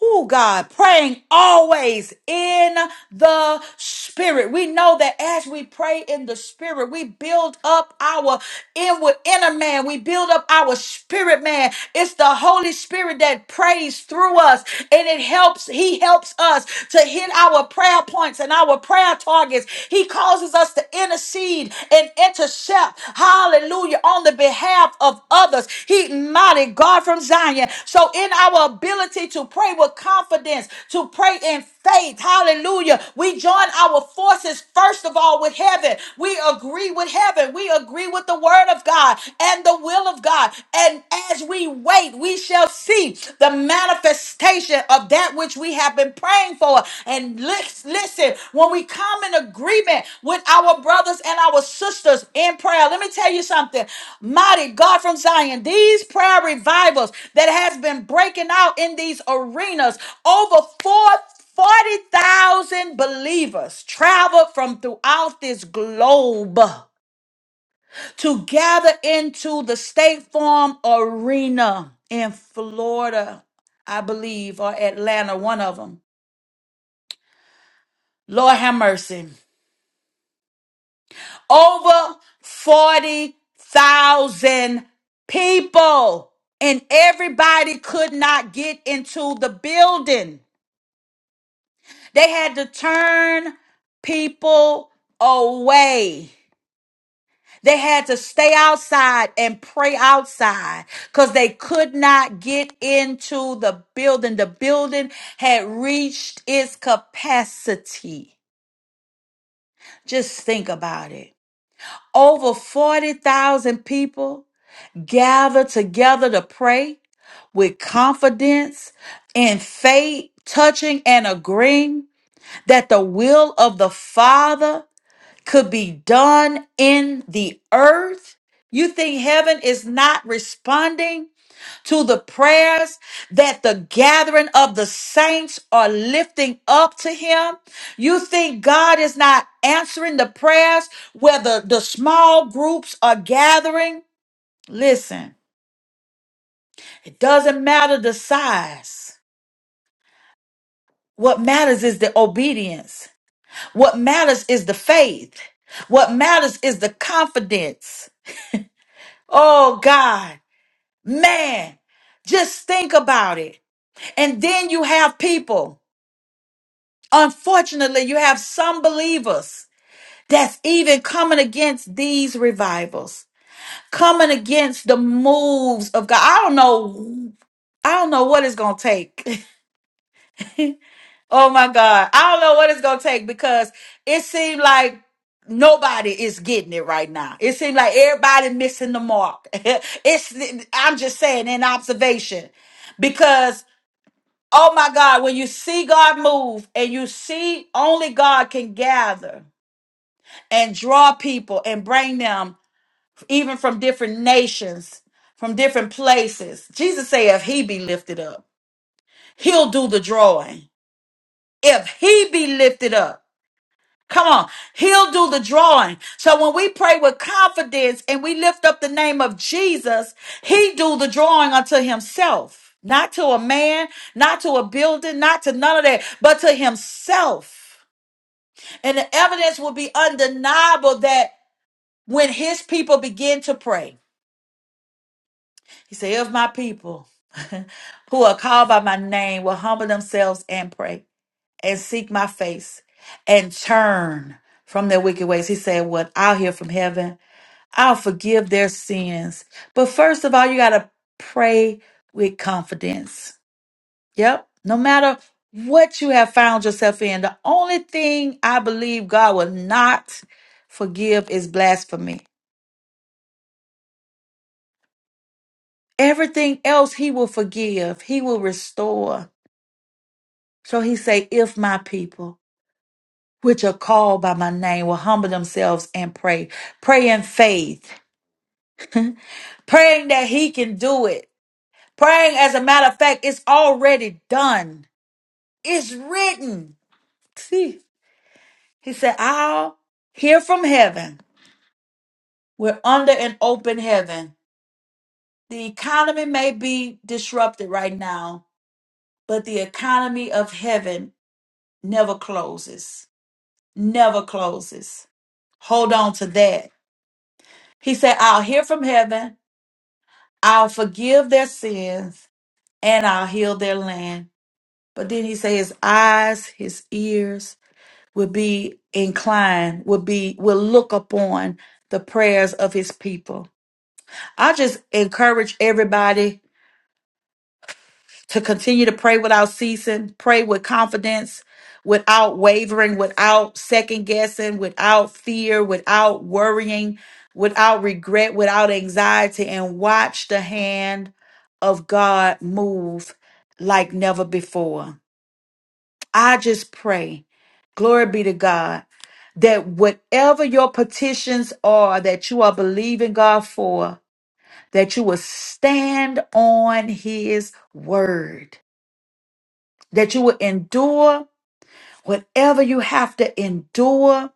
Speaker 1: Oh God, praying always in the spirit. We know that as we pray in the spirit, we build up our inward inner man. We build up our spirit man. It's the Holy Spirit that prays through us and it helps. He helps us to hit our prayer points and our prayer targets. He causes us to intercede and intercept, hallelujah, on the behalf of others. He mighty God from Zion. So in our ability to pray with confidence, to pray in faith, hallelujah, we join our forces first of all with heaven. We agree with heaven. We agree with the word of God and the will of God. And as we wait, we shall see the manifestation manifestation of that which we have been praying for. And lis- listen, when we come in agreement with our brothers and our sisters in prayer, let me tell you something. Mighty God from Zion, these prayer revivals that has been breaking out in these arenas, over 4,000 40,000 believers traveled from throughout this globe to gather into the State Farm Arena in Florida, I believe, or Atlanta, one of them. Lord have mercy. Over 40,000 people, and everybody could not get into the building. They had to turn people away. They had to stay outside and pray outside because they could not get into the building. The building had reached its capacity. Just think about it. Over 40,000 people gathered together to pray with confidence and faith, touching and agreeing that the will of the Father could be done in the earth? You think heaven is not responding to the prayers that the gathering of the saints are lifting up to him? You think God is not answering the prayers where the, the small groups are gathering? Listen, it doesn't matter the size. What matters is the obedience. What matters is the faith. What matters is the confidence. Oh God, man, just think about it. And then you have people, unfortunately, you have some believers that's even coming against these revivals, coming against the moves of God. I don't know, I don't know what it's going to take. Oh my God. I don't know what it's gonna take because it seems like nobody is getting it right now. It seems like everybody missing the mark. it's I'm just saying in observation. Because oh my God, when you see God move and you see only God can gather and draw people and bring them even from different nations, from different places. Jesus said if he be lifted up, he'll do the drawing. If he be lifted up. Come on, he'll do the drawing. So when we pray with confidence and we lift up the name of Jesus, he do the drawing unto himself, not to a man, not to a building, not to none of that, but to himself. And the evidence will be undeniable that when his people begin to pray, he said, if my people who are called by my name will humble themselves and pray. and seek my face and turn from their wicked ways. He said, What I'll hear from heaven, I'll forgive their sins. But first of all, you got to pray with confidence. Yep. No matter what you have found yourself in, the only thing I believe God will not forgive is blasphemy. Everything else he will forgive, he will restore. So he say, if my people. which are called by my name will humble themselves and pray. Pray in faith, praying that he can do it. Praying, as a matter of fact, it's already done. It's written. See, he said, I'll hear from heaven. We're under an open heaven. The economy may be disrupted right now, but the economy of heaven never closes. Never closes. Hold on to that. He said, I'll hear from heaven I'll forgive their sins and I'll heal their land. But then he says his eyes, his ears will be inclined, will be will look upon the prayers of his people. I just encourage everybody to continue to pray without ceasing, pray with confidence, without wavering, without second guessing, without fear, without worrying, without regret, without anxiety, and watch the hand of God move like never before. I just pray, glory be to God, that whatever your petitions are that you are believing God for, that you will stand on his word that you would endure whatever you have to endure.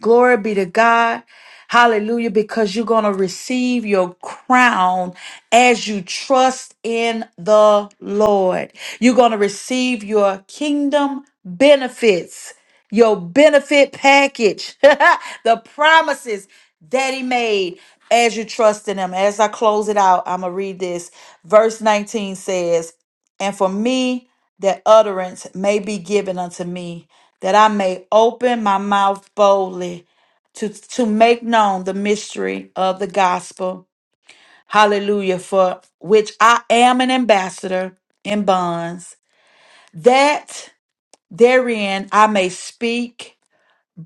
Speaker 1: Glory be to God. Hallelujah. Because you're going to receive your crown as you trust in the Lord. You're going to receive your kingdom benefits, your benefit package, the promises that He made as you trust in Him. As I close it out, I'm going to read this. Verse 19 says, and for me that utterance may be given unto me, that I may open my mouth boldly to, to make known the mystery of the gospel. Hallelujah, for which I am an ambassador in bonds, that therein I may speak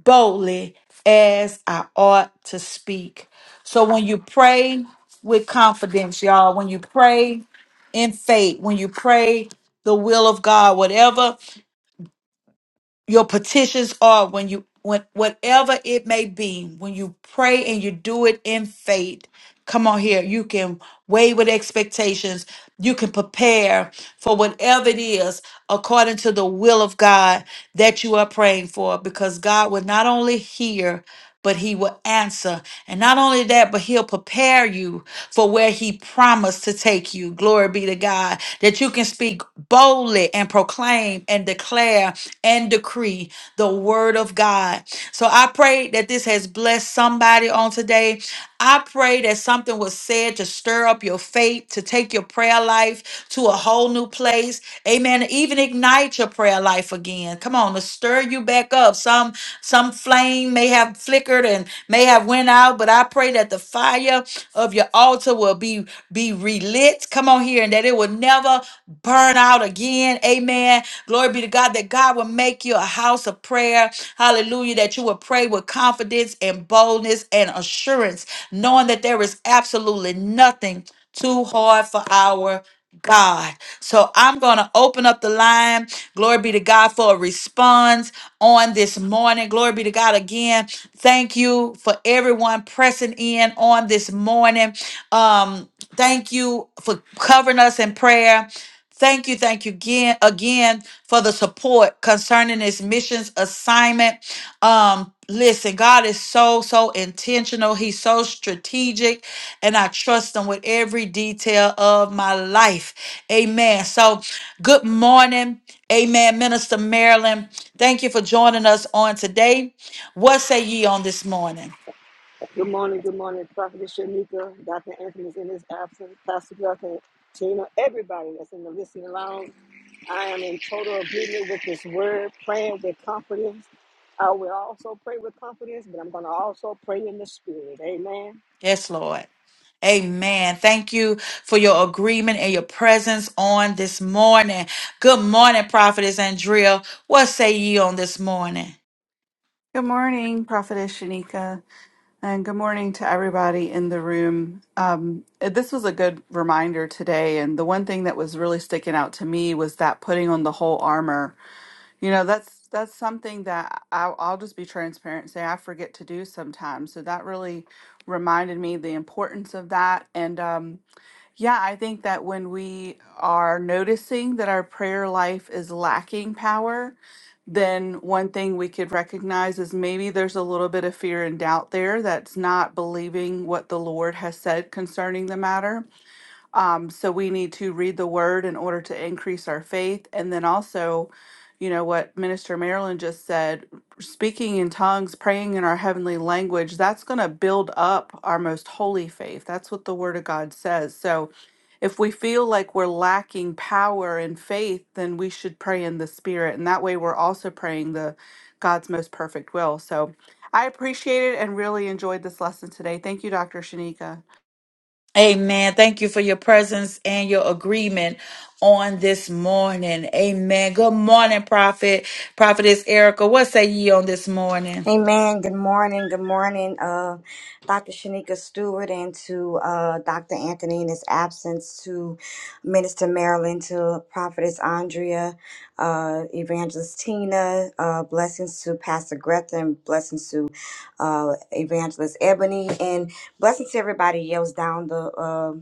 Speaker 1: boldly as I ought to speak. So when you pray with confidence, y'all, when you pray in faith, when you pray the will of God, whatever your petitions are when you when whatever it may be when you pray and you do it in faith come on here you can weigh with expectations you can prepare for whatever it is according to the will of god that you are praying for because god will not only hear but he will answer. And not only that, but he'll prepare you for where he promised to take you. Glory be to God. That you can speak boldly and proclaim and declare and decree the word of God. So I pray that this has blessed somebody on today. I pray that something was said to stir up your faith, to take your prayer life to a whole new place. Amen. Even ignite reignite your prayer life again. Come on, to stir you back up. Some some flame may have flickered and may have went out, but I pray that the fire of your altar will be be relit. Come on here, and that it will never burn out again. Amen. Glory be to God that God will make you a house of prayer. Hallelujah. That you will pray with confidence and boldness and assurance, knowing that there is absolutely nothing too hard for our God. So I'm going to open up the line. Glory be to God for a response on this morning. Glory be to God again. Thank you for everyone pressing in on this morning. Um, thank you for covering us in prayer. Thank you, thank you again, again for the support concerning this missions assignment. Um, listen, God is so, so intentional. He's so strategic, and I trust him with every detail of my life. Amen. So, good morning. Amen. Minister Marilyn, thank you for joining us on today. What say ye on this morning?
Speaker 2: Good morning, good morning, Prophetess Shanika, Dr. Anthony's in his absence, Pastor Duncan, Tina, everybody that's in the listening lounge. I am in total agreement with this word, praying with confidence. I will also pray with confidence, but I'm going to also pray in the spirit. Amen.
Speaker 1: Yes, Lord. Amen. Thank you for your agreement and your presence on this morning. Good morning, Prophetess Andrea. What say ye on this morning?
Speaker 3: Good morning, Prophetess Shanika, and good morning to everybody in the room. Um, this was a good reminder today, and the one thing that was really sticking out to me was that putting on the whole armor. You know, that's that's something that I'll, I'll just be transparent and say I forget to do sometimes. So that really reminded me the importance of that, and um, yeah, I think that when we are noticing that our prayer life is lacking power, then one thing we could recognize is maybe there's a little bit of fear and doubt there that's not believing what the Lord has said concerning the matter. Um, so we need to read the word in order to increase our faith. And then also, you know, what Minister Marilyn just said, speaking in tongues, praying in our heavenly language, that's going to build up our most holy faith. That's what the word of God says. So if we feel like we're lacking power and faith, then we should pray in the spirit. And that way we're also praying the God's most perfect will. So I appreciate it and really enjoyed this lesson today. Thank you, Dr. Shanika.
Speaker 1: Amen. Thank you for your presence and your agreement on this morning. Amen. Good morning, Prophet. Prophetess Erica. What say ye on this morning?
Speaker 4: Amen. Good morning. Good morning, uh, Dr. Shanika Stewart, and to uh, Dr. Anthony in his absence, to Minister Marilyn, to Prophetess Andrea, uh, Evangelist Tina, uh, blessings to Pastor Greta, and blessings to uh, Evangelist Ebony, and blessings to everybody else down the. Uh,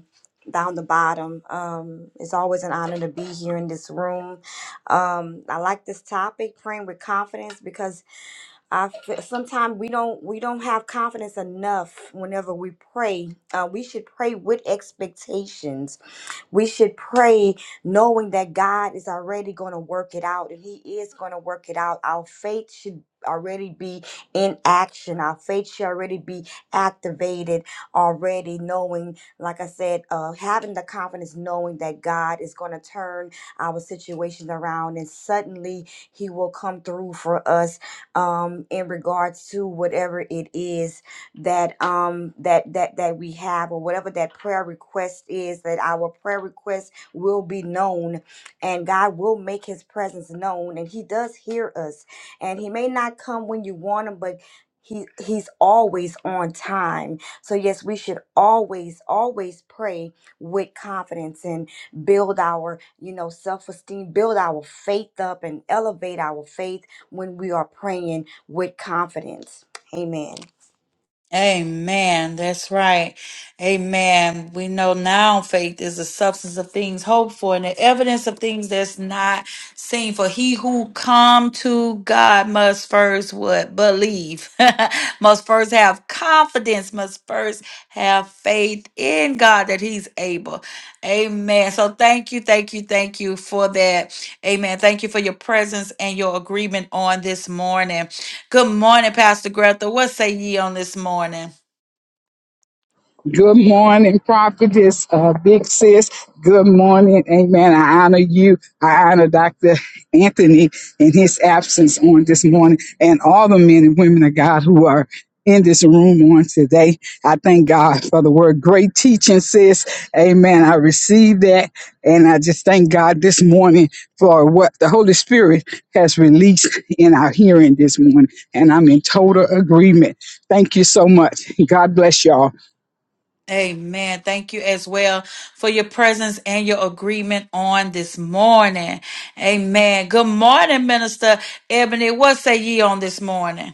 Speaker 4: down the bottom. Um, it's always an honor to be here in this room. Um, I like this topic, praying with confidence, because I sometimes we don't we don't have confidence enough whenever we pray. Uh, we should pray with expectations we should pray knowing that God is already going to work it out and He is going to work it out. Our faith should already be in action. Our faith should already be activated already, knowing, like I said, uh, having the confidence, knowing that God is going to turn our situation around and suddenly He will come through for us um, in regards to whatever it is that um that that that we have or whatever that prayer request is that our prayer request will be known and God will make his presence known and he does hear us and he may not come when you want him but he he's always on time so yes we should always always pray with confidence and build our you know self-esteem build our faith up and elevate our faith when we are praying with confidence amen
Speaker 1: Amen. That's right. Amen. We know now faith is the substance of things hoped for and the evidence of things that's not seen. For he who come to God must first what? Believe. must first have confidence. Must first have faith in God that he's able. Amen. So thank you, thank you, thank you for that. Amen. Thank you for your presence and your agreement on this morning. Good morning, Pastor Greta. What say ye on this morning?
Speaker 5: Good morning, prophetess, uh, big sis. Good morning, amen. I honor you. I honor Dr. Anthony in his absence on this morning and all the men and women of God who are in this room on today. I thank God for the word. Great teaching, sis. Amen. I received that. And I just thank God this morning for what the Holy Spirit has released in our hearing this morning. And I'm in total agreement Thank you so much. God bless y'all.
Speaker 1: Amen. Thank you as well for your presence and your agreement on this morning. Amen. Good morning, Minister Ebony. What say ye on this morning?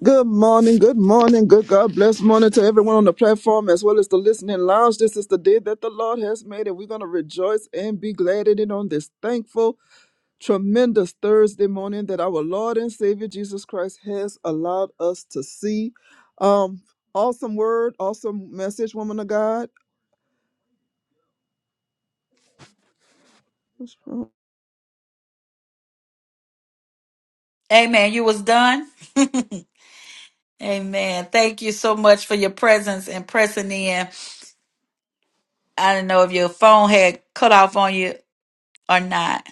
Speaker 6: Good morning, good morning, good God bless morning to everyone on the platform as well as the listening lounge. This is the day that the Lord has made, and we're going to rejoice and be glad in it on this thankful, tremendous Thursday morning that our Lord and Savior Jesus Christ has allowed us to see. Um, awesome word, awesome message, woman of God.
Speaker 1: Amen. You was done? Amen. Thank you so much for your presence and pressing in. I don't know if your phone had cut off on you or not.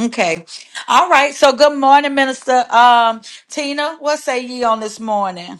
Speaker 1: Okay. All right. So good morning, Minister um Tina. What say ye on this morning?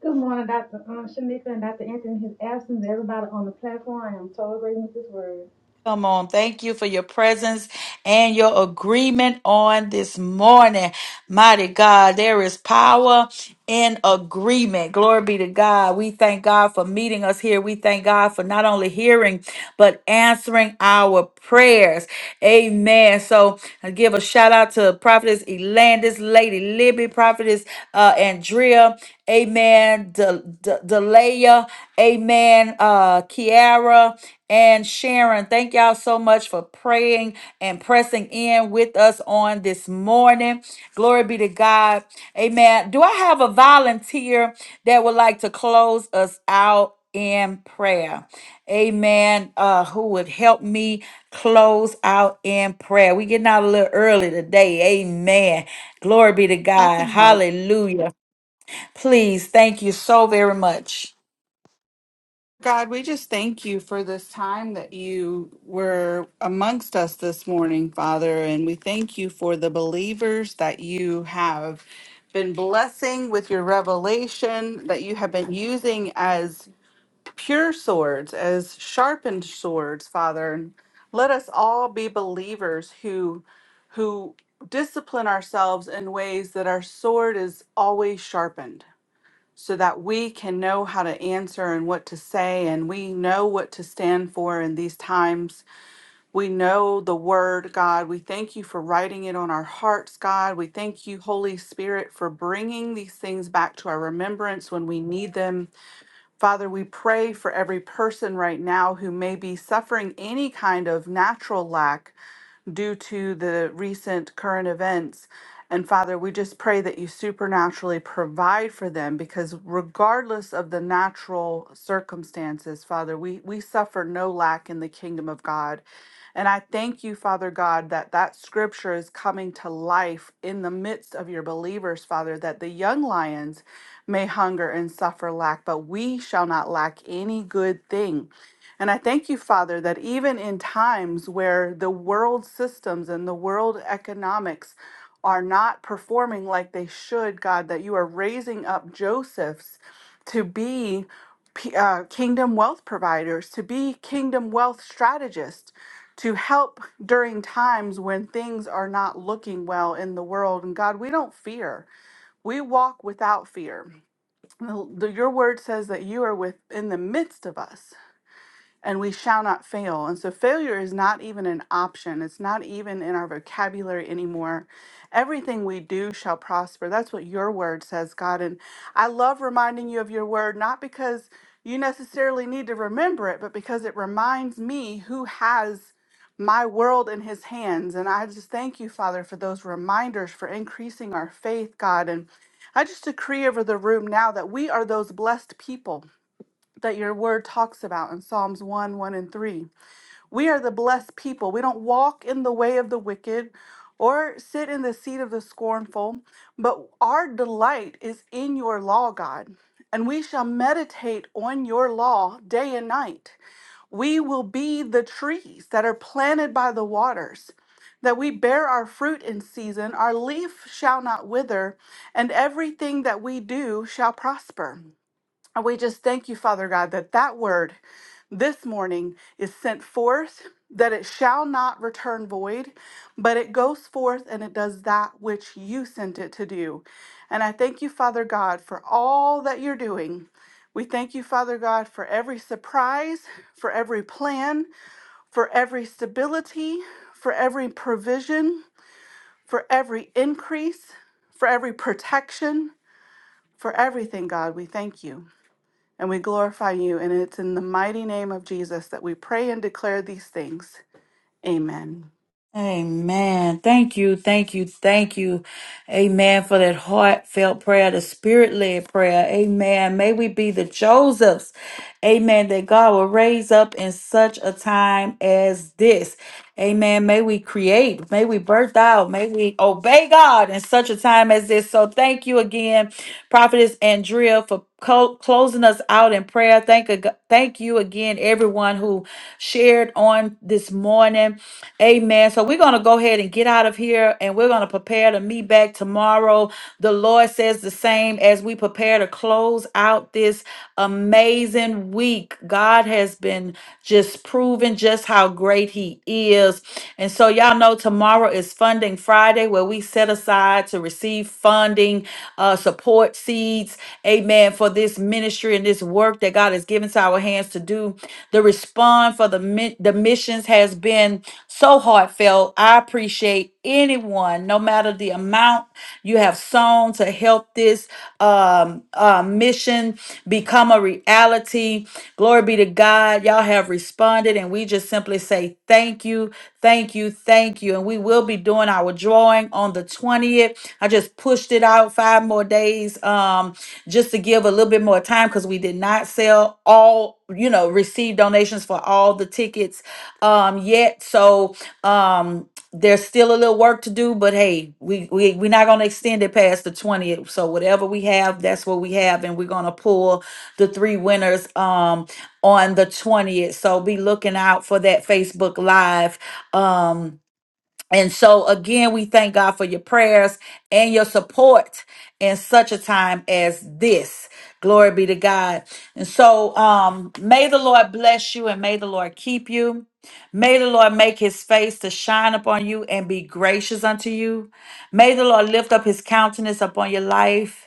Speaker 7: Good morning, Dr. Um, Shanika and Dr. Anthony, his absence, everybody on the platform. I am so agreeing with this word.
Speaker 1: Come on. Thank you for your presence and your agreement on this morning. Mighty God, there is power in agreement. Glory be to God. We thank God for meeting us here. We thank God for not only hearing but answering our prayers. Amen. So I give a shout out to Prophetess Elandis, Lady Libby, Prophetess uh, Andrea, Amen, De- De- Delaya, Amen, uh, Kiara, and Sharon. Thank y'all so much for praying and pressing in with us on this morning. Glory be to God. Amen. Do I have a volunteer that would like to close us out? in prayer. Amen. Uh, who would help me close out in prayer? we getting out a little early today. Amen. Glory be to
Speaker 3: I
Speaker 1: God.
Speaker 3: can help.
Speaker 1: Hallelujah. Please, thank you so very much.
Speaker 3: God, we just thank you for this time that you were amongst us this morning, Father. And we thank you for the believers that you have been blessing with your revelation, that you have been using as pure swords, as sharpened swords, Father. And let us all be believers who who discipline ourselves in ways that our sword is always sharpened so that we can know how to answer and what to say, and we know what to stand for in these times. We know the word, God. We thank you for writing it on our hearts, God. We thank you, Holy Spirit, for bringing these things back to our remembrance when we need them. Father, we pray for every person right now who may be suffering any kind of natural lack due to the recent current events. And Father, we just pray that you supernaturally provide for them because, regardless of the natural circumstances, Father, we, we suffer no lack in the kingdom of God. And I thank you, Father God, that that scripture is coming to life in the midst of your believers, Father, that the young lions may hunger and suffer lack, but we shall not lack any good thing. And I thank you, Father, that even in times where the world systems and the world economics are not performing like they should, God, that you are raising up Josephs to be p- uh, kingdom wealth providers, to be kingdom wealth strategists, to help during times when things are not looking well in the world. And God, we don't fear. We walk without fear. The- the- Your word says that you are with in the midst of us and we shall not fail. And so failure is not even an option. It's not even in our vocabulary anymore. Everything we do shall prosper. That's what your word says, God. And I love reminding you of your word, not because you necessarily need to remember it, but because it reminds me who has my world in his hands. And I just thank you, Father, for those reminders, for increasing our faith, God. And I just decree over the room now that we are those blessed people that your word talks about in Psalms 1, 1, and 3. We are the blessed people. We don't walk in the way of the wicked or sit in the seat of the scornful, but our delight is in your law, God. And we shall meditate on your law day and night. We will be the trees that are planted by the waters, that we bear our fruit in season, our leaf shall not wither, and everything that we do shall prosper. And we just thank you, Father God, that that word this morning is sent forth, that it shall not return void, but it goes forth and it does that which you sent it to do. And I thank you, Father God, for all that you're doing. We thank you, Father God, for every surprise, for every plan, for every stability, for every provision, for every increase, for every protection, for everything, God. We thank you and we glorify you. And it's in the mighty name of Jesus that we pray and declare these things. Amen.
Speaker 1: Amen. Thank you. Thank you. Thank you. Amen. For that heartfelt prayer, the spirit led prayer. Amen. May we be the Josephs. Amen. That God will raise up in such a time as this. Amen. May we create. May we birth out. May we obey God in such a time as this. So thank you again, Prophetess Andrea, for co- closing us out in prayer. Thank, ag- thank you again, everyone who shared on this morning. Amen. So we're going to go ahead and get out of here and we're going to prepare to meet back tomorrow. The Lord says the same as we prepare to close out this amazing week. God has been just proving just how great He is. And so, y'all know tomorrow is Funding Friday where we set aside to receive funding, uh, support seeds, amen, for this ministry and this work that God has given to our hands to do. The respond for the, mi- the missions has been so heartfelt. I appreciate anyone, no matter the amount you have sown to help this um, uh, mission become a reality. Glory be to God. Y'all have responded, and we just simply say thank you, thank you, thank you. And we will be doing our drawing on the 20th. I just pushed it out five more days um, just to give a little bit more time because we did not sell all, you know, receive donations for all the tickets um yet. So um there's still a little work to do, but hey, we, we we're not gonna extend it past the 20th. So whatever we have, that's what we have, and we're gonna pull the three winners um on the 20th. So be looking out for that Facebook Live. Um and so, again, we thank God for your prayers and your support in such a time as this. Glory be to God. And so, um, may the Lord bless you and may the Lord keep you. May the Lord make his face to shine upon you and be gracious unto you. May the Lord lift up his countenance upon your life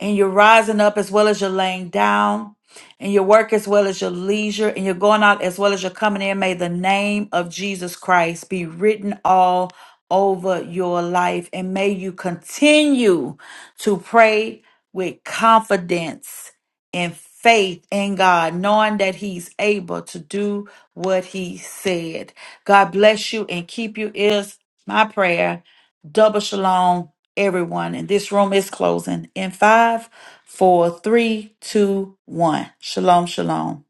Speaker 1: and you're rising up as well as you're laying down, and your work as well as your leisure, and you're going out as well as you're coming in. May the name of Jesus Christ be written all over your life, and may you continue to pray with confidence and faith in God, knowing that He's able to do what He said. God bless you and keep you, is my prayer. Double shalom, everyone. And this room is closing in five, four, three, two, one. Shalom, shalom.